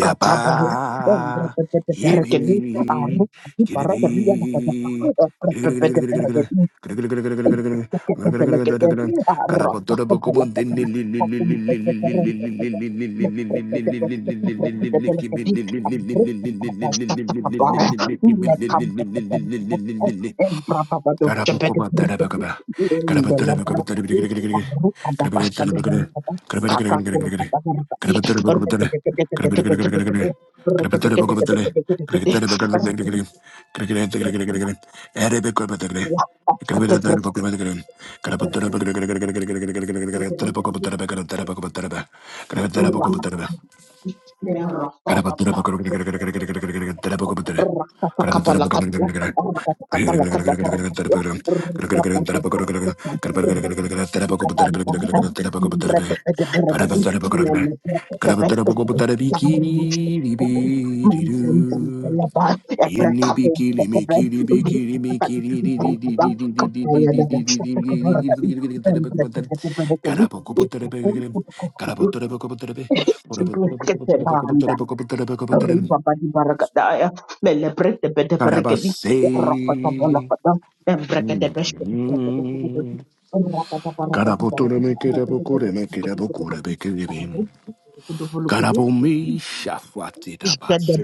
Yaba. Yibi. Yibi.
Kakak
Karaapu kubatara pagabah. Kara batara pagabatara bili bili bili bili bili bili. Kara bili bili bili bili bili bili. Kara batara pagabah. Kara bili bili bili bili bili bili. Kara batara pagabatara. Kara bili bili bili bili bili bili. Kara batara pagabatara. Kara bili bili bili bili bili bili. Kara batara pagabatara. Kara bili bili bili bili bili bili. Kara batara pagabatara. Kara bili bili bili bili bili bili. Kara batara
Thank
pagabatara. Karabatara Yeni bikini mikini bikini mikini di di di di di di di di di di di di di di Karabokoboterebekere,
you.
karaboterebekobiterebe,
Blessed banda.
karaboterebekobiterebekobiterebekobiterebe,
Riba badi barakadaya. Mele brete bede berekedi.
Karabase.
Rakata balakata. Embrekede beshkede brekede brekede.
Mm.
Rakata barakadi barakadi barakadi barakadi
Karabotoremekerebokoremekerebokorebekerebe.
barakadi. barakadi.
Karabomi shafatidabase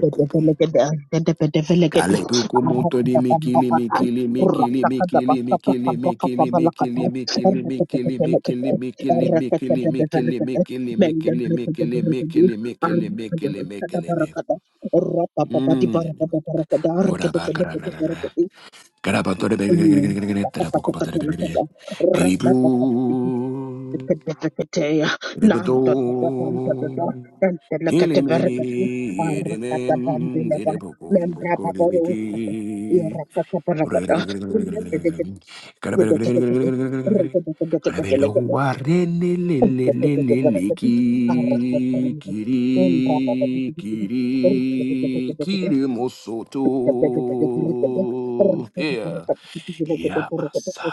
Kalepuku montoli mikili mikili mikili mikili mikili mikili mikili mikili mikili mikili mikili mikili mikili mikili mikili mikili mikili mikili mikili mikili mi. Mm. Kura ba kara kara kara kara. Kara ba tori be be be be be be be be. Tara poko ba tori be be be. Kiribu. Repeto. Milimi, edemem, edepokum, rekodibiki.
Thank
Rebedo, wareneleleleleleki, kiri, kiri, kiri mosoto. Yeah. Yamasa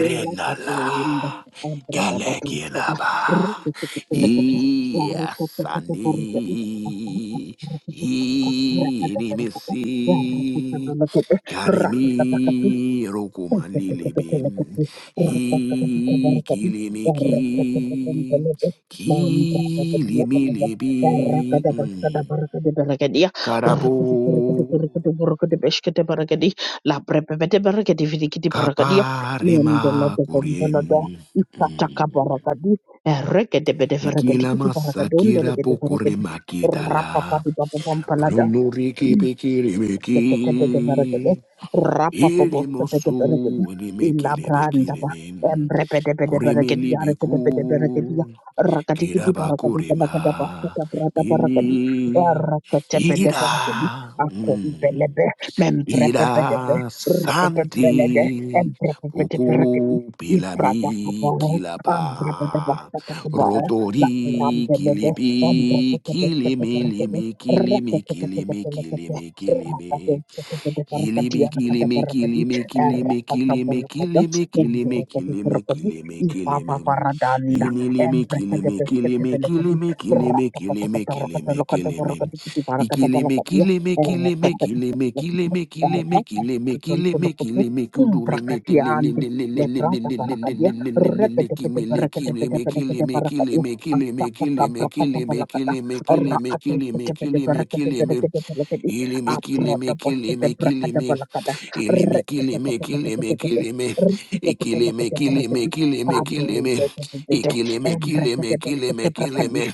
Renala Galegielaba Iasani Inimisi Karemi
Rapa
Rokumalilibin Ikilimiki Kilimilibi Karabo Kaparema kurim. Mm. Ikila masakira pokure makitala. Runuriki pikiri meki. Iri mosu ni mekile bekile mem. Kurimi libiku. Kiraba kurima. Pili. Ira. Ira santi puku pilami kilapa rotori kilipi kilimi limi kilimi kilimi
Rakati
kilimi
Rakata
kilimi Kili me, kili me, kili me, kili me, kili me, kili me, kili me, kili me, kili me, kili me, Yili me. kili me, kili me, kili me, kili me, kili me, kili me, kili me, Ikili me, kili me. kili me, kili me, kili me, kili me, kili me, kili me, kili me, kudule me, tele le le le le le le le le le le le le le kimi le kili me, kili me. kili me, kili me, kili me, kili me, kili me, kili me, kili me, kili me, kili me. Ilimi
Abroda
kilimi
boshete
kilimi
brakada
kilimi
balakada.
ilimi kilimi kilimi
Rrrr-tete-tete-tete-tete-tete.
kilimi ikilimi
Rrrr-tete-tete-tete-tete-tete.
kilimi
tete
kilimi
kadu
kilimi
tete
ikilimi kilimi kilimi
tete
kilimi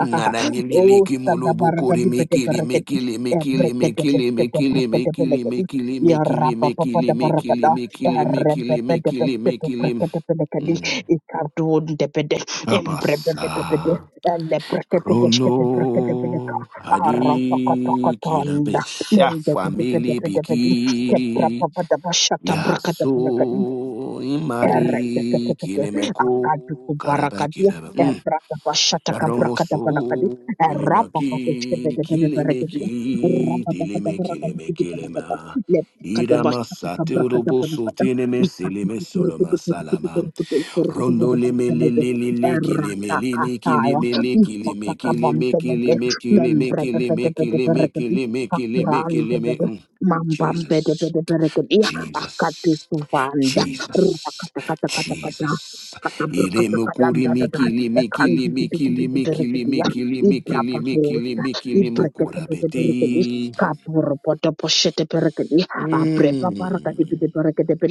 Naranilili
Oh,
kimulubu
Sadabaragadi
kurimi kilimi
Bedeberegadi,
kilimi kilimi kilimi kilimi kilimi
Ebrekedebesetebelegadi,
kilimi kilimi kilimi
Yarapapadabarabada,
kilimi kilimi kilimi kilimi kilimi
Erebebedebesetebelegadi,
Mm.
Ikardun debede,
Kabasa.
Embrebebedebede, Elebrekedebesketebelegadi,
Rono hadi
Arapakatakatalda,
kilabesha family
Lendebedebedebedi,
biki
Kebrababadabashatabrakadabelegadi,
yaso imari kilemeko karaba kilaba Mm. yaromoso kilemaki kilemeki tileme kileme kilema iramasate uroboso tineme sileme soloma salama Rondo le me le le le le ki le me le le ki le me le ki le me ki le me ki le me ki le me ki le me ki le me ki le me ki le me ki le me Mm. Jesus Jesus Jesus
Rakatakatakataka.
Jesus Ile me kuri mi
Katabrakatakalandadada.
ki le me ki le me ki le me ki le me
Ekandididididididididiya.
ki le me ki le me ki le
Ibrababosa.
me ki le me kura
Ibreketebedeberekele.
beti
Kaburubodoposheteberekele.
Mm.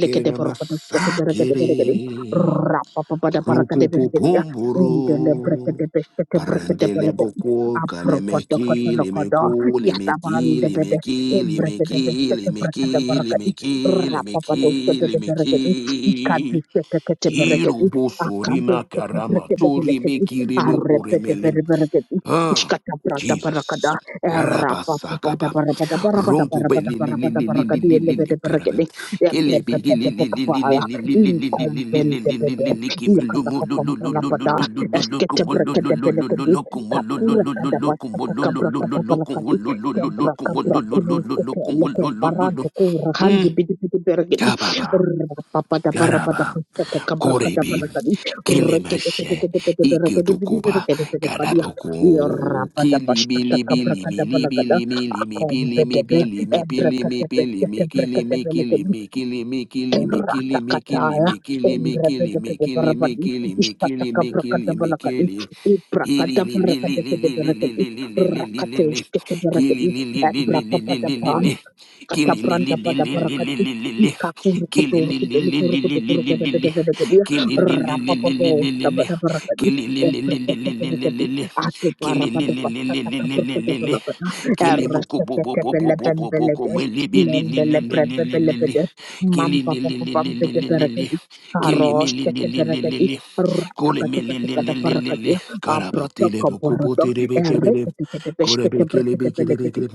Keramasakere.
Rapapapadabarakadebelekede.
Rokupupumburu. Parandele
Indelebrekedebesketeberekedebelekede.
boku kalemeki
Abrobodokodolokodo.
limeku limeki
Yatabandebede.
limeki limeki limeki
Imbrekedebesketeberekedebelekede.
limeki limeki
Rapapadoskebedebelekede.
limeki. Hiru
Ikaduseteketeberegedi,
busuri makarama turi
akaduseteberekedebelegedi,
meki
arebedebereberegedi,
Oh, Jesus.
ishkatabratabarakada,
Rabasakaba. Rongo be li li li li li li
erapapabadabarabadabarabadabarabadabarabadabarabadi,
li li li kerebe.
elebedeberegedi,
Kele be li li li li li li
ebrebebedebekapaya,
li li li li li li li li li
inkombelebede,
li li kimi lu mu lu lu lu lu lu
iyakatapapampalabada,
lu lu lu lu kumu lu lu lu lu lu
esketeberekedebelegedi,
lu kumu lu lu lu lu lu kumu lu lu lu lu lu kumu
kakurakadabasatakabrakatabalakadi,
lu lu lu lu kumu lu lu lu lu lu kumu
kebrakabrakunistekeleke,
lu lu lu lu. Mm.
barandukurahandibidibidibere- Rakato
Kababa. Garaba, Korebi, Kilemashe, Ikitukuba, Garaboko, Kili, Bili, Bili, Bili, Bili, Bili, Bili, Bili, Bili, Bili, Bili, Bili, Kili, Mi, Kili, Mi, Kili, Mi, Kili, Mi, Kili, Mi, Kili, Mi, Kili Mi, Kili, Mi, Kili, Mi, Kili, Mi, Kili, Mi, Kili, Mi, Kili, Gilly,
Katabranta pada parakati. Ika kuru kutu kuru kuru kutu kuru kede kede kede kede ya. Rapa popo sabada parakati. Ebrete kede Aku para
Kili li
pada
li li
pasta
li li
tak
li li
berkuda
li li.
belakana.
Kili buku
Errete
bu bu
kede
bu bu
bele
bu
bele
bu bu
bele
ku
de.
mi li bi li li li
Mendele
li li
brebe
li
bele
li li.
bele.
Kili
Mampa
li li
popo
li li li
bede
li li li.
parakati.
Kili mi
Karos
li li
kede
li li li
parakati.
li.
Rapa
Kuli mi
kata
li
kata
li li
kata
li li
parakati
li.
ya. Abrata
Karabatile buku bu
kaborodo.
tiri bi kebele.
Errete kede
Kore bi
beshkete
kili bi
berkete
kili
bele
bi kili.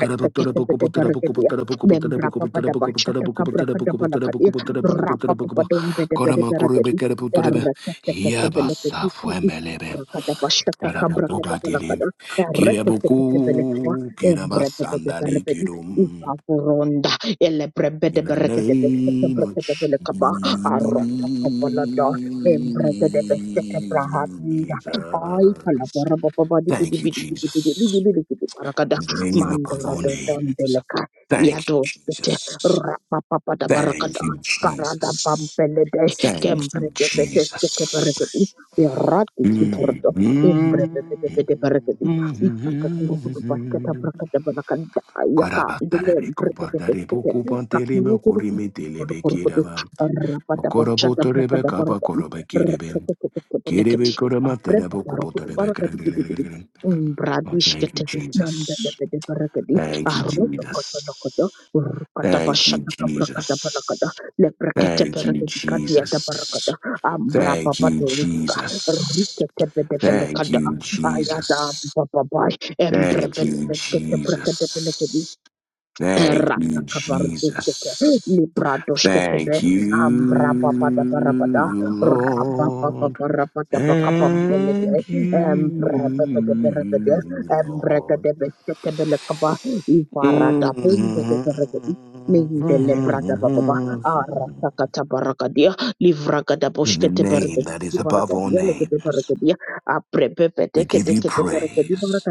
Karabatore buku bu tere buku bu tere buku bu tere buku bu tere buku bu tere buku bu tere buku bu kore
Membrapapadabashatakabrakadabalakadi,
Kililililililililili. bu Milibilililililili. Kililililililili. Kilimililililili. Kulimililililili. Karabatilibukubutiribikibili. bu Korama kore bi
rapapapadondedebedebedebedi,
kere bu kerebe uterebe. Yabasa
erreketeketebelekedi,
fuemelebe. Karaboku datilim.
rakadabashatakabrakadebalakada, erreketeketebelekaba,
Kilebuku kirabasandali
embrebedeberebedi,
kirum.
ivavuronda,
In the name of Jesus.
elebrebedeberekedebestekebrekedebelekaba, arotokobolada, embrekedebestekebrahadiya. Ay, palabara bababadi
Thank
bidi
you,
bidi bidi bidi bidi
Jesus.
bidi bidi
In
barakada.
the name above all names.
I
Thank you,
do it.
Jesus.
Rapa pada barangkod,
Thank you,
barangkod
Jesus.
bampelide.
Thank you,
Kembridee cestu kebarangkod.
Jesus.
Ira di borodo.
Mm-hmm.
Kembridee bide barangkod. Ika kuru kuru pas kita barangkod melakukan. Iya ka. Kembridee
Karabatarebe,
bide barangkod. Kuru kuru kuru kuru kuru kuru. Rapa pada pas kita barangkod. Ika kuru kuru kuru kuru kuru
Kirebe
kuru.
koramatera
Aprema
boko
barangkod
botarebe
barangkod bide bide.
karabigarigarigarigari. Oh,
Kembrades
thank you,
kete dan bide
Jesus.
bide barangkod.
Thank you,
Arrodokodokodo,
Jesus. Thank you,
urkatabashatakabrakadabalakada,
Jesus. Thank you,
lebreketeberebedikadiadabarakada,
Jesus. Thank you,
ambrababado,
Jesus. Thank
riketebedevelekada,
you, Jesus.
ayadambababai,
Thank you,
embrebedebeketebrekedebelekedi,
Jesus. Thank you,
Rata kaparutustuka
Jesus.
libradoshketebe
Thank you,
ambrabapadabarapada
Lord.
rabapaparapadabakapambelede
Thank
embrebebebeberebede
you, Lord.
embregedebesketebelekaba
Mm-hmm.
ivaradabumbedebregedi mindelebradabababa aratakatabaragadea
In the name that
livragadaboshketeberegedi
is above all
baragadia
names.
legedeberegedia
We give you
aprebebedekedekedeberegedi
praise.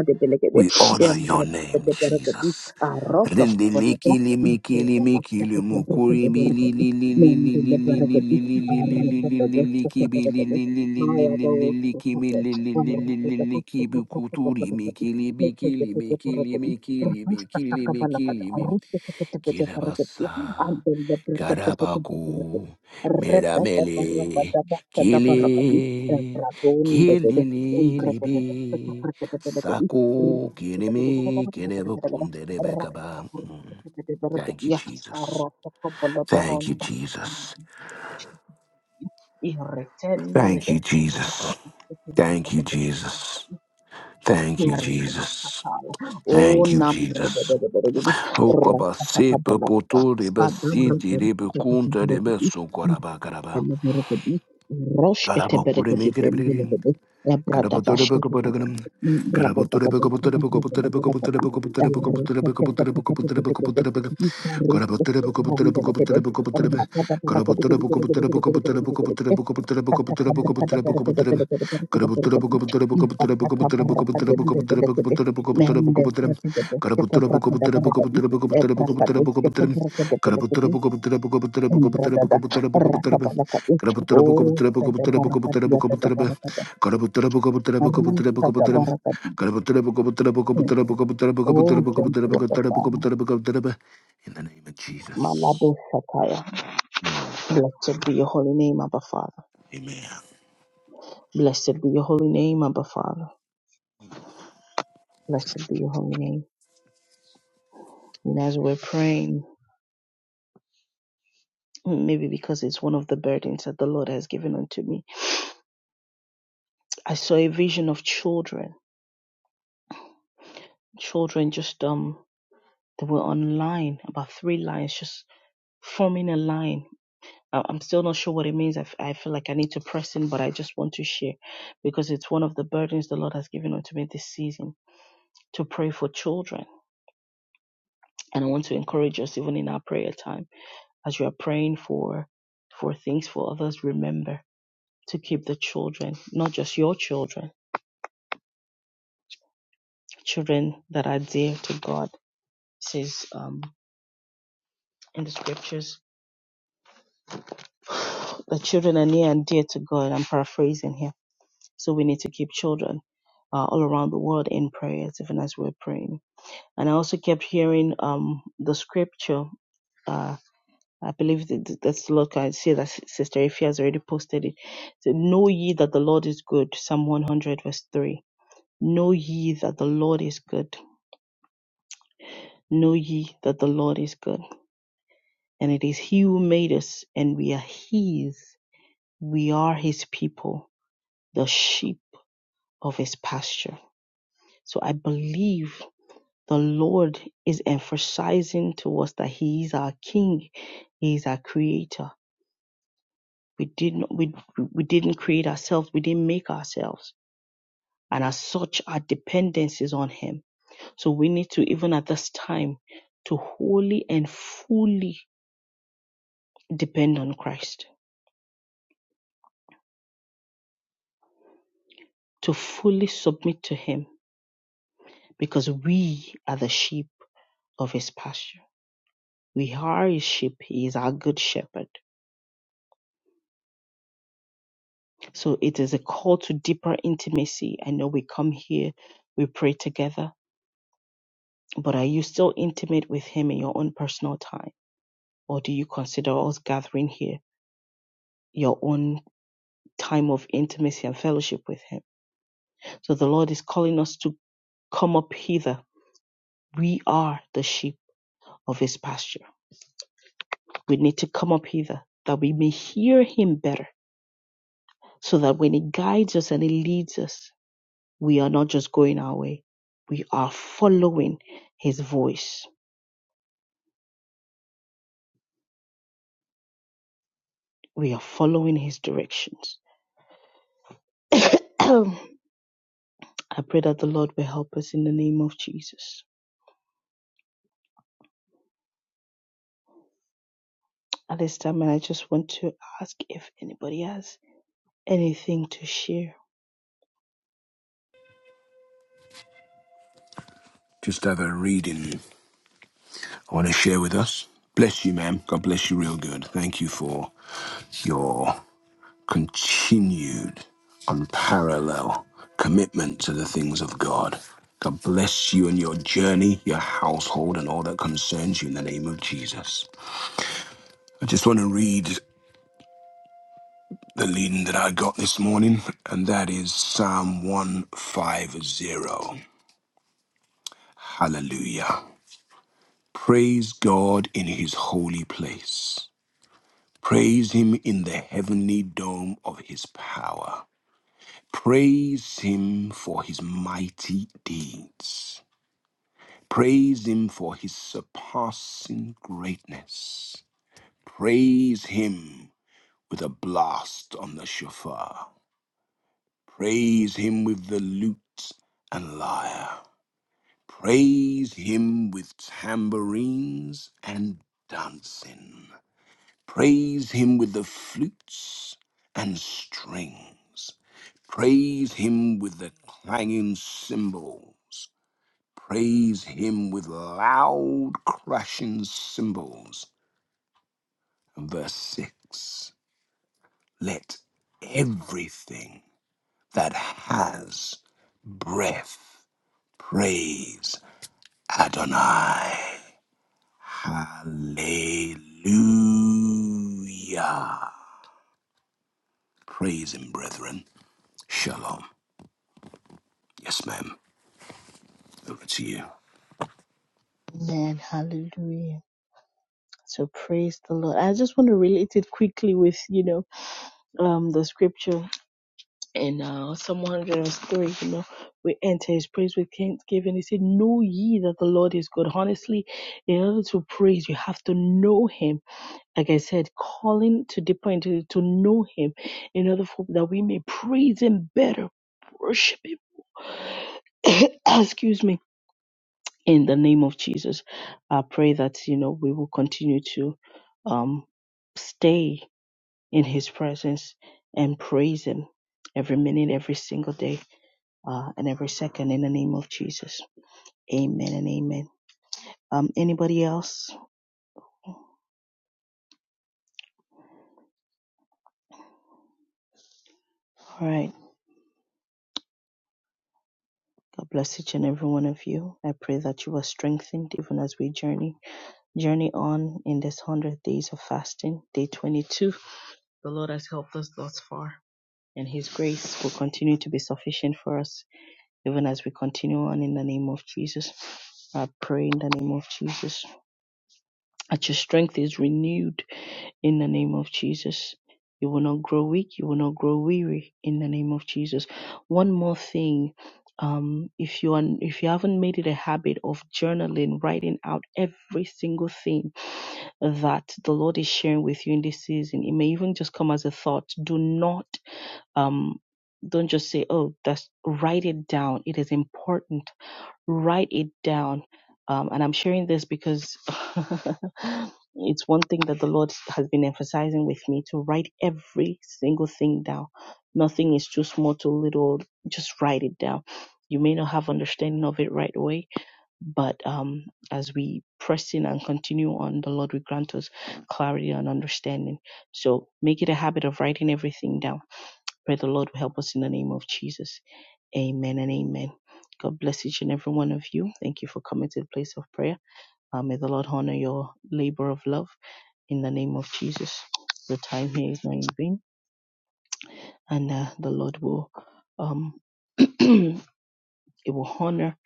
We honor your name, Jesus.
Roto Koboda
Rendeleki
is
limiki
the Basta
limiki
Koboda,
lumukuri bili li li li li
Mendy
li li li li
Liberty,
li li li
Rebecca
li li li li ki bi li
Koboda,
li li li li
Maya
li li
goes
li
to
ki mi li li li
Koboda,
li li li
Rebecca
ki bi
Koboda,
kuturi miki li biki li miki li miki
Rebecca
li miki li miki
Kabalakada,
li mi.
Rebecca Koboda, and
Kilabasa,
the Liberty,
Karabaku,
Rebecca
Meramele,
Rabba
Kili,
Rabon de Embrace
Kililibi, Saku, Kirimi, Kinebukunde, rebekaba. Thank you,
Rakataburukutubidibirigidiya,
Jesus. Thank you,
aratakabaladohonda,
Jesus.
irretendelede, rakataburukutubidibirigidiya, irrenamasakaya, O
Thanks.
nambrebebebebebe,
Ukabase
rakatakabalagada,
pepoto reba sinti
kadabraburu,
reba kunta reba karaba.
Beleberebedi, roshketebelegebebembelebebe, ebradabashketebebe, ibrabadabashketebelegebebelekebe,
Amen.
ereketeketeketeketeke, ikaroshketeberandelebebe, rakadabarakadegedegedegedegedegedegedegedegede, katakabrakadeberebelebelebelebelebelebelebelebelebelebelebelebelebe, ifakatabarakadembebelekebe, mendebrekedebesketebrakadeberebebe, ebrakadosketebrakedebelekebe, Embradada, Rakabalakati, O Sadabarakati, Sadabarakata, Ari Sadabarakati. Oh, thank you, Abba Father. Malado Shakaya. Blessed be your holy name, Abba Father. Blessed be your holy name, Abba Father. Blessed be your holy name. And as we're praying, maybe because it's one of the burdens that the Lord has given unto me, I saw a vision of children, children just, um, they were on line, about three lines, just forming a line I- I'm still not sure what it means. I, f- I feel like I need to press in, but I just want to share because it's one of the burdens the Lord has given unto me this season to pray for children. And I want to encourage us, even in our prayer time, as you are praying for for things for others, remember to keep the children, not just your children, children that are dear to God. It says um, in the scriptures, the children are near and dear to God. I'm paraphrasing here. So we need to keep children uh, all around the world in prayers, even as we're praying and I also kept hearing um the scripture. Uh, I believe that that's look. I see that Sister Ify has already posted it. So, know ye that the Lord is good. Psalm 100 verse 3. Know ye that the Lord is good. Know ye that the Lord is good. And it is He who made us, and we are His. We are His people, the sheep of His pasture. So I believe the Lord is emphasizing to us that He is our King, He is our Creator We didn't we we didn't create ourselves, we didn't make ourselves. And as such, our dependence is on him. So we need to, even at this time, to wholly and fully depend on Christ, to fully submit to him, because we are the sheep of his pasture. We are his sheep. He is our good shepherd. So it is a call to deeper intimacy. I know we come here, we pray together, but are you still intimate with him in your own personal time? Or do you consider us gathering here your own time of intimacy and fellowship with Him? So the Lord is calling us to come up hither. We are the sheep of His pasture. We need to come up hither that we may hear Him better, so that when He guides us and He leads us, we are not just going our way. We are following His voice, we are following His directions. *coughs* I pray that the Lord will help us in the name of Jesus. at this time, and I just want to ask if anybody has anything to share.
Just have a reading I want to share with us. Bless you, ma'am. God bless you real good. Thank you for your continued, unparalleled commitment to the things of God. God bless you and your journey, your household, and all that concerns you in the name of Jesus. I just want to read the leading that I got this morning, and that is Psalm 150. Hallelujah. Praise God in his holy place. Praise him in the heavenly dome of his power. Praise him for his mighty deeds. Praise him for his surpassing greatness. Praise him with a blast on the shofar. Praise him with the lute and lyre. Praise him with tambourines and dancing. Praise him with the flutes and strings. Praise him with the clanging cymbals. Praise him with loud crashing cymbals. And verse 6 Let everything that has breath praise Adonai. Hallelujah. Praise him, brethren. Shalom. Yes, ma'am. Over to you.
Amen. Hallelujah. So praise the Lord. I just want to relate it quickly with, you know, um the scripture in uh Psalm 103, you know, we enter his praise with thanksgiving. He said, Know ye that the Lord is good. Honestly, in order to praise, you have to know him like I said, calling to deeper into to know Him in order for that we may praise Him better, worship Him. *coughs* Excuse me. In the name of Jesus, I pray that you know we will continue to um, stay in His presence and praise Him every minute, every single day, uh, and every second. In the name of Jesus, Amen and Amen. Um, anybody else? All right. God bless each and every one of you. I pray that you are strengthened even as we journey journey on in this 100 days of fasting, day 22. The Lord has helped us thus far, and His grace will continue to be sufficient for us even as we continue on in the name of Jesus. I pray in the name of Jesus that your strength is renewed in the name of Jesus. You will not grow weak. You will not grow weary in the name of Jesus. One more thing. Um, if you are, if you haven't made it a habit of journaling, writing out every single thing that the Lord is sharing with you in this season, it may even just come as a thought. Do not, um, don't just say, "Oh, that's." Write it down. It is important write it down. Um, and I'm sharing this because *laughs* it's one thing that the Lord has been emphasizing with me to write every single thing down. Nothing is too small, too little. Just write it down. You may not have understanding of it right away, but um, as we press in and continue on, the Lord will grant us clarity and understanding. So make it a habit of writing everything down. Pray the Lord will help us in the name of Jesus. Amen and amen. God bless each and every one of you. Thank you for coming to the place of prayer. Uh, may the Lord honor your labor of love in the name of Jesus. The time here is not in vain, and uh, the Lord will um, *clears throat* it will honor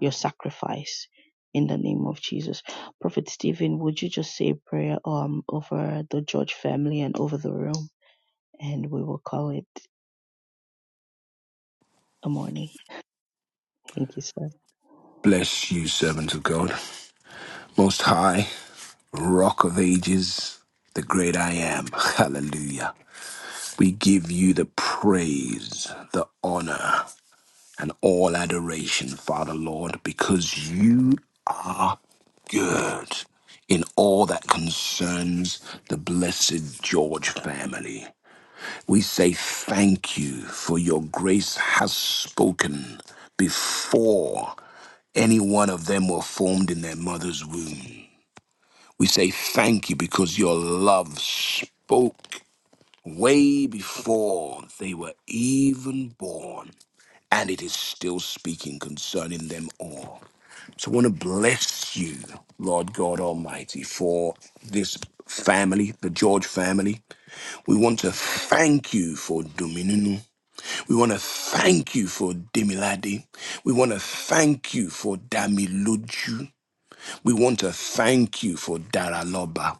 your sacrifice in the name of Jesus. Prophet Stephen, would you just say a prayer um over the George family and over the room, and we will call it a morning. Thank you, sir.
Bless you, servant of God. Most high, rock of ages, the great I am. *laughs* Hallelujah. We give you the praise, the honor, and all adoration, Father Lord, because you are good in all that concerns the blessed George family. We say thank you for your grace has spoken before any one of them were formed in their mother's womb. We say thank you because your love spoke way before they were even born, and it is still speaking concerning them all. So I want to bless you, Lord God Almighty, for this family, the George family. We want to thank you for Dominunu. We want to thank you for Demilade. We want to thank you for Damiluju. We want to thank you for Daraloba.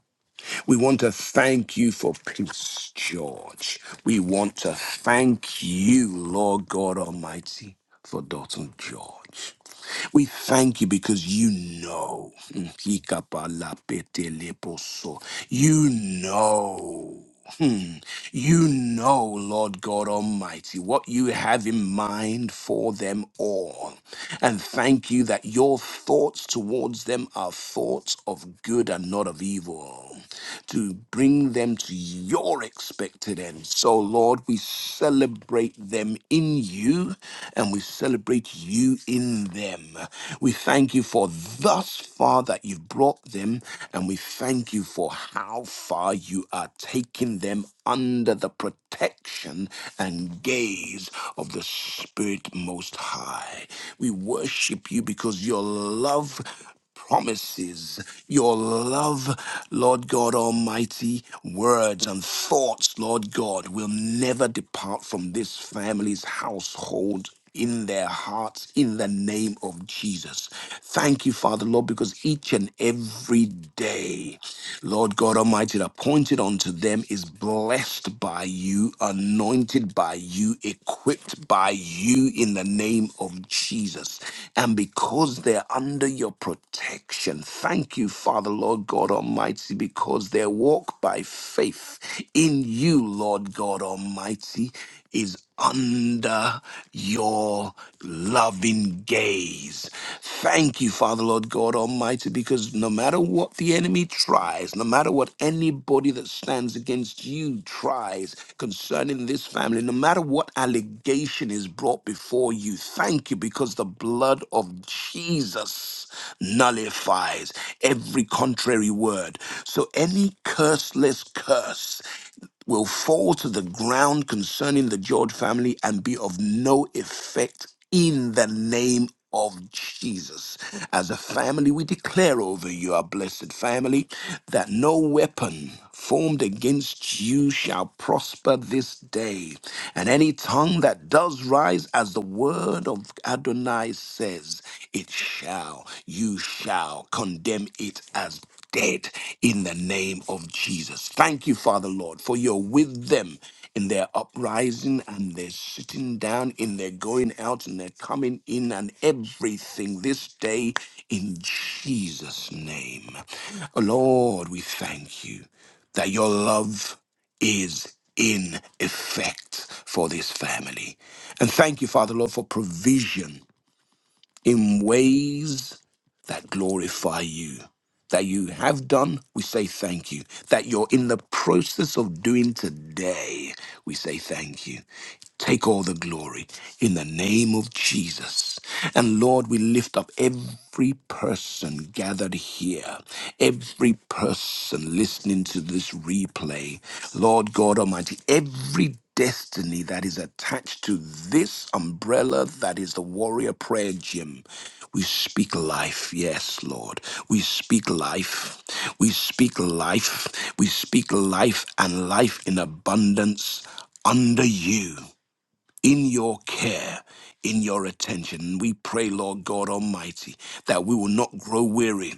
We want to thank you for peace, George. We want to thank you, Lord God Almighty, for daughter George. We thank you because you know. *laughs* You know. Hmm. You know, Lord God Almighty, what you have in mind for them all. And thank you that your thoughts towards them are thoughts of good and not of evil, to bring them to your expected end. So, Lord, we celebrate them in you and we celebrate you in them. We thank you for thus far that you've brought them them and we thank you for how far you are taking them under the protection and gaze of the Spirit Most High. We worship you because your love promises, your love, Lord God Almighty, words and thoughts, Lord God, will never depart from this family's household in their hearts in the name of Jesus. Thank you, Father, Lord, because each and every day, Lord God Almighty, that appointed unto them is blessed by you, anointed by you, equipped by you in the name of Jesus. And because they're under your protection, thank you, Father, Lord God Almighty, because they walk by faith in you, Lord God Almighty is under your loving gaze. Thank you, Father, Lord God Almighty, because no matter what the enemy tries, no matter what anybody that stands against you tries concerning this family, no matter what allegation is brought before you, thank you, because the blood of Jesus nullifies every contrary word. So any curseless curse, will fall to the ground concerning the George family and be of no effect in the name of Jesus. As a family, we declare over you, our blessed family, that no weapon formed against you shall prosper this day. And any tongue that does rise, as the word of Adonai says, it shall, you shall condemn it as dead in the name of Jesus. Thank you, Father Lord, for you're with them in their uprising and their sitting down, in their going out and their coming in, and everything this day in Jesus' name. Lord, we thank you that your love is in effect for this family. And thank you, Father Lord, for provision in ways that glorify you. That you have done, we say thank you. That you're in the process of doing today, we say thank you. Take all the glory in the name of Jesus. And Lord, we lift up every person gathered here, every person listening to this replay. Lord God Almighty, every destiny that is attached to this umbrella that is the warrior prayer gym. We speak life. Yes, Lord. We speak life. We speak life. We speak life and life in abundance under you, in your care. In your attention. We pray, Lord God Almighty, that we will not grow weary,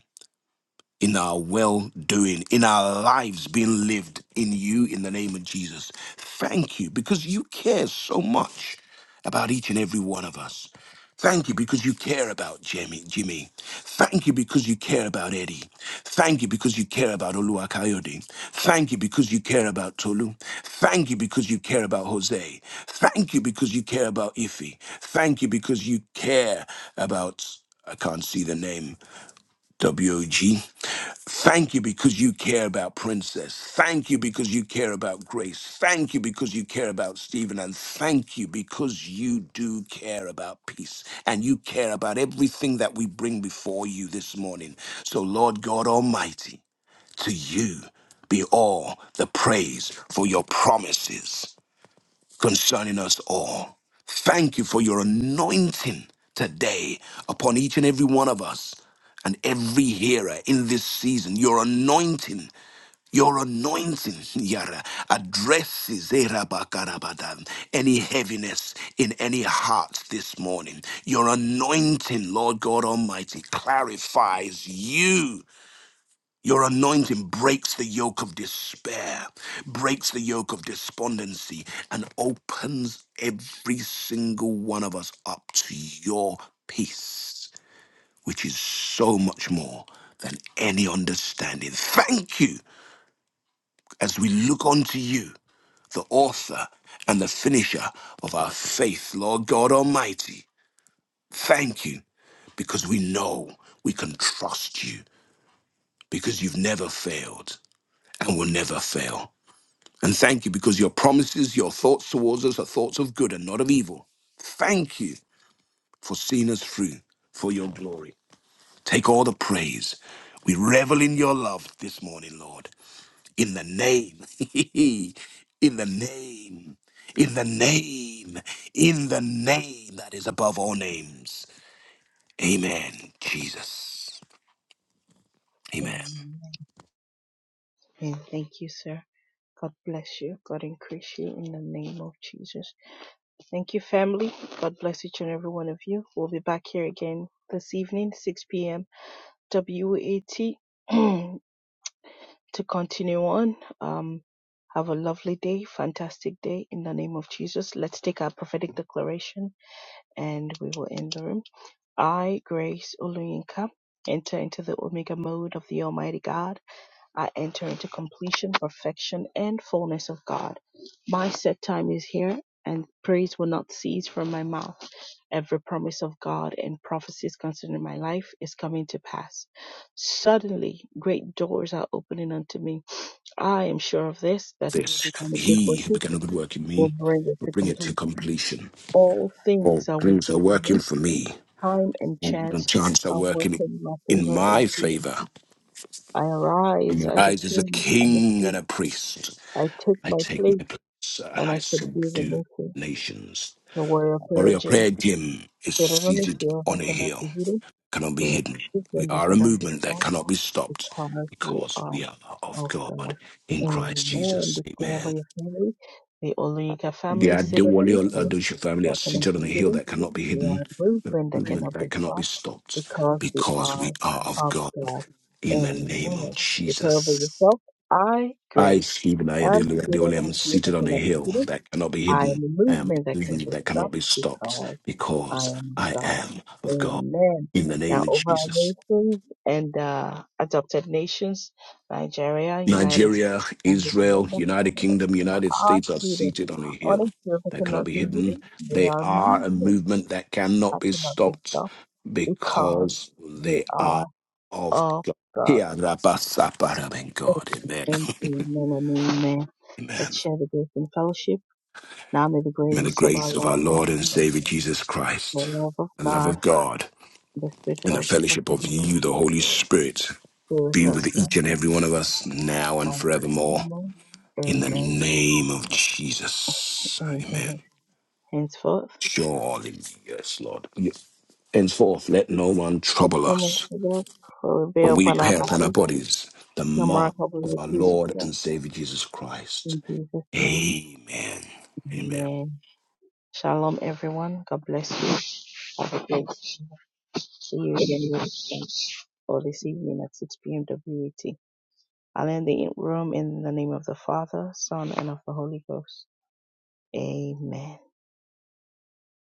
in our well doing, in our lives being lived in you in the name of Jesus. Thank you because you care so much about each and every one of us. Thank you because you care about Jimmy. Jimmy. Thank you because you care about Eddie. Thank you because you care about Oluwakayode. Thank you because you care about Tolu. Thank you because you care about Jose. Thank you because you care about Ife. Thank you because you care about I can't see the name WOG. Thank you because you care about Princess. Thank you because you care about Grace. Thank you because you care about Stephen. And thank you because you do care about peace and you care about everything that we bring before you this morning. So, Lord God Almighty, to you be all the praise for your promises concerning us all. Thank you for your anointing today upon each and every one of us and every hearer in this season. Your anointing. Your anointing, *laughs* Yara, addresses Erabakarabadan, any heaviness in any heart this morning. Your anointing, Lord God Almighty, clarifies you your anointing breaks the yoke of despair, breaks the yoke of despondency, and opens every single one of us up to your peace, which is so much more than any understanding. Thank you as we look unto you, the author and the finisher of our faith, Lord God Almighty. Thank you because we know we can trust you because you've never failed and will never fail. And thank you because your promises, your thoughts towards us are thoughts of good and not of evil. Thank you for seeing us through for your glory. Take all the praise. We revel in your love this morning, Lord. In the name, *laughs* in the name, in the name, in the name that is above all names. Amen. Jesus. Amen.
Amen. And thank you, sir. God bless you. God increase you in the name of Jesus. Thank you, family. God bless each and every one of you. We'll be back here again this evening, 6 p.m. WAT, *clears throat* to continue on. Um, have a lovely day, fantastic day in the name of Jesus. Let's take our prophetic declaration and we will end the room. I, Grace Oluyinka, enter into the Omega mode of the Almighty God I enter into completion, perfection, and fullness of God. My set time is here, and praise will not cease from my mouth. Every promise of God and prophecies concerning my life is coming to pass. Suddenly, great doors are opening unto me. I am sure of this, that he will
This,
become a good
he who
worker,
began a good work in
will
me
bring it
will
to
bring it to
completion.
completion.
All
All
things are
things are
working for
working
me.
for me.
Time and
The
chance
chance are
are
working
working in my
in
favor in
my favor.
Jesus. I arise
i
as a
rise as a
king and a
king
priest
and a priest.
I took
I
my
take
plate
my place and
and I
I
said, Here's a
subdue
message.
nations.
The warrior prayer
Warrior Prayer
gym.
Gym is
There are only
seated
few that
on a
cannot
hill,
be hidden.
cannot be
We are
hidden. We
different that
are a
cannot be
movement that
stopped
cannot be stopped
because we
because
are
we are of
of
God
God.
in Christ
Amen.
Jesus.
Declare over
Amen.
your family. The Olika
The
family is seated on the
Adewale
hill
Adoche family are
that cannot
seated
be
on a hill
hidden.
that cannot be
We
hidden,
are a
a
movement that
movement
cannot be
that cannot be
stopped
stopped,
because we
because
are
we are of
of
God.
God.
In the name
Amen.
of
Declare over
Jesus.
yourself. I,
I,
Grace,
Stephen
am
Ayadele
seated
Adewale,
on
am
the hill that
seated on a
cannot be
hill
hidden.
that cannot be
I
hidden.
am a
I am
movement
a
that can
movement
be
that cannot
stopped
be stopped,
because I
because
am of
I
God.
am of God.
Amen.
In the name
Now,
of
over our
Jesus.
nations and uh, adopted nations, Nigeria, United States,
Nigeria,
and the
Israel,
Kingdom,
United
Canada,
Kingdom,
and
United
our
States are
children,
seated on a hill
honest children
that cannot
cannot
be
be
hidden.
hidden. They
They
are
are a
movements
movement that cannot
that
be
cannot be
stopped
stopped because
because
they
they are
are
of
of
God.
God.
Here, Rabba Sapara, God. Amen.
Amen,
*laughs*
amen, and amen. Let's
Amen.
share the grace and fellowship. Now may the
May the
grace of our
grace of
Lord
our
Jesus
Lord and
Christ,
Savior Jesus
the
Christ,
love of
the love
God
of God,
The sweet
and the
fellowship of
fellowship
the
of
Holy
you, the
Spirit
Holy Spirit,
be with
be with
us now
each and every one of us now and
and
forevermore.
forevermore.
In the
Amen.
name of Jesus. Amen.
Amen. Henceforth,
Surely, yes, Lord. Yes. Henceforth, let no one trouble
the mercy
us.
of the Lord will be
For we
upon our
bear upon our
bodies,
bodies the
the mark
mark
of
of
the
our
peace of
Lord
God.
and Savior Jesus Christ.
In Jesus' name,
Amen. Amen.
amen. Shalom, everyone. God bless you. Have a great day. See you again next time or this evening at 6 p.m. WAT. I'll end the room in the name of the Father, Son, and of the Holy Ghost. Amen.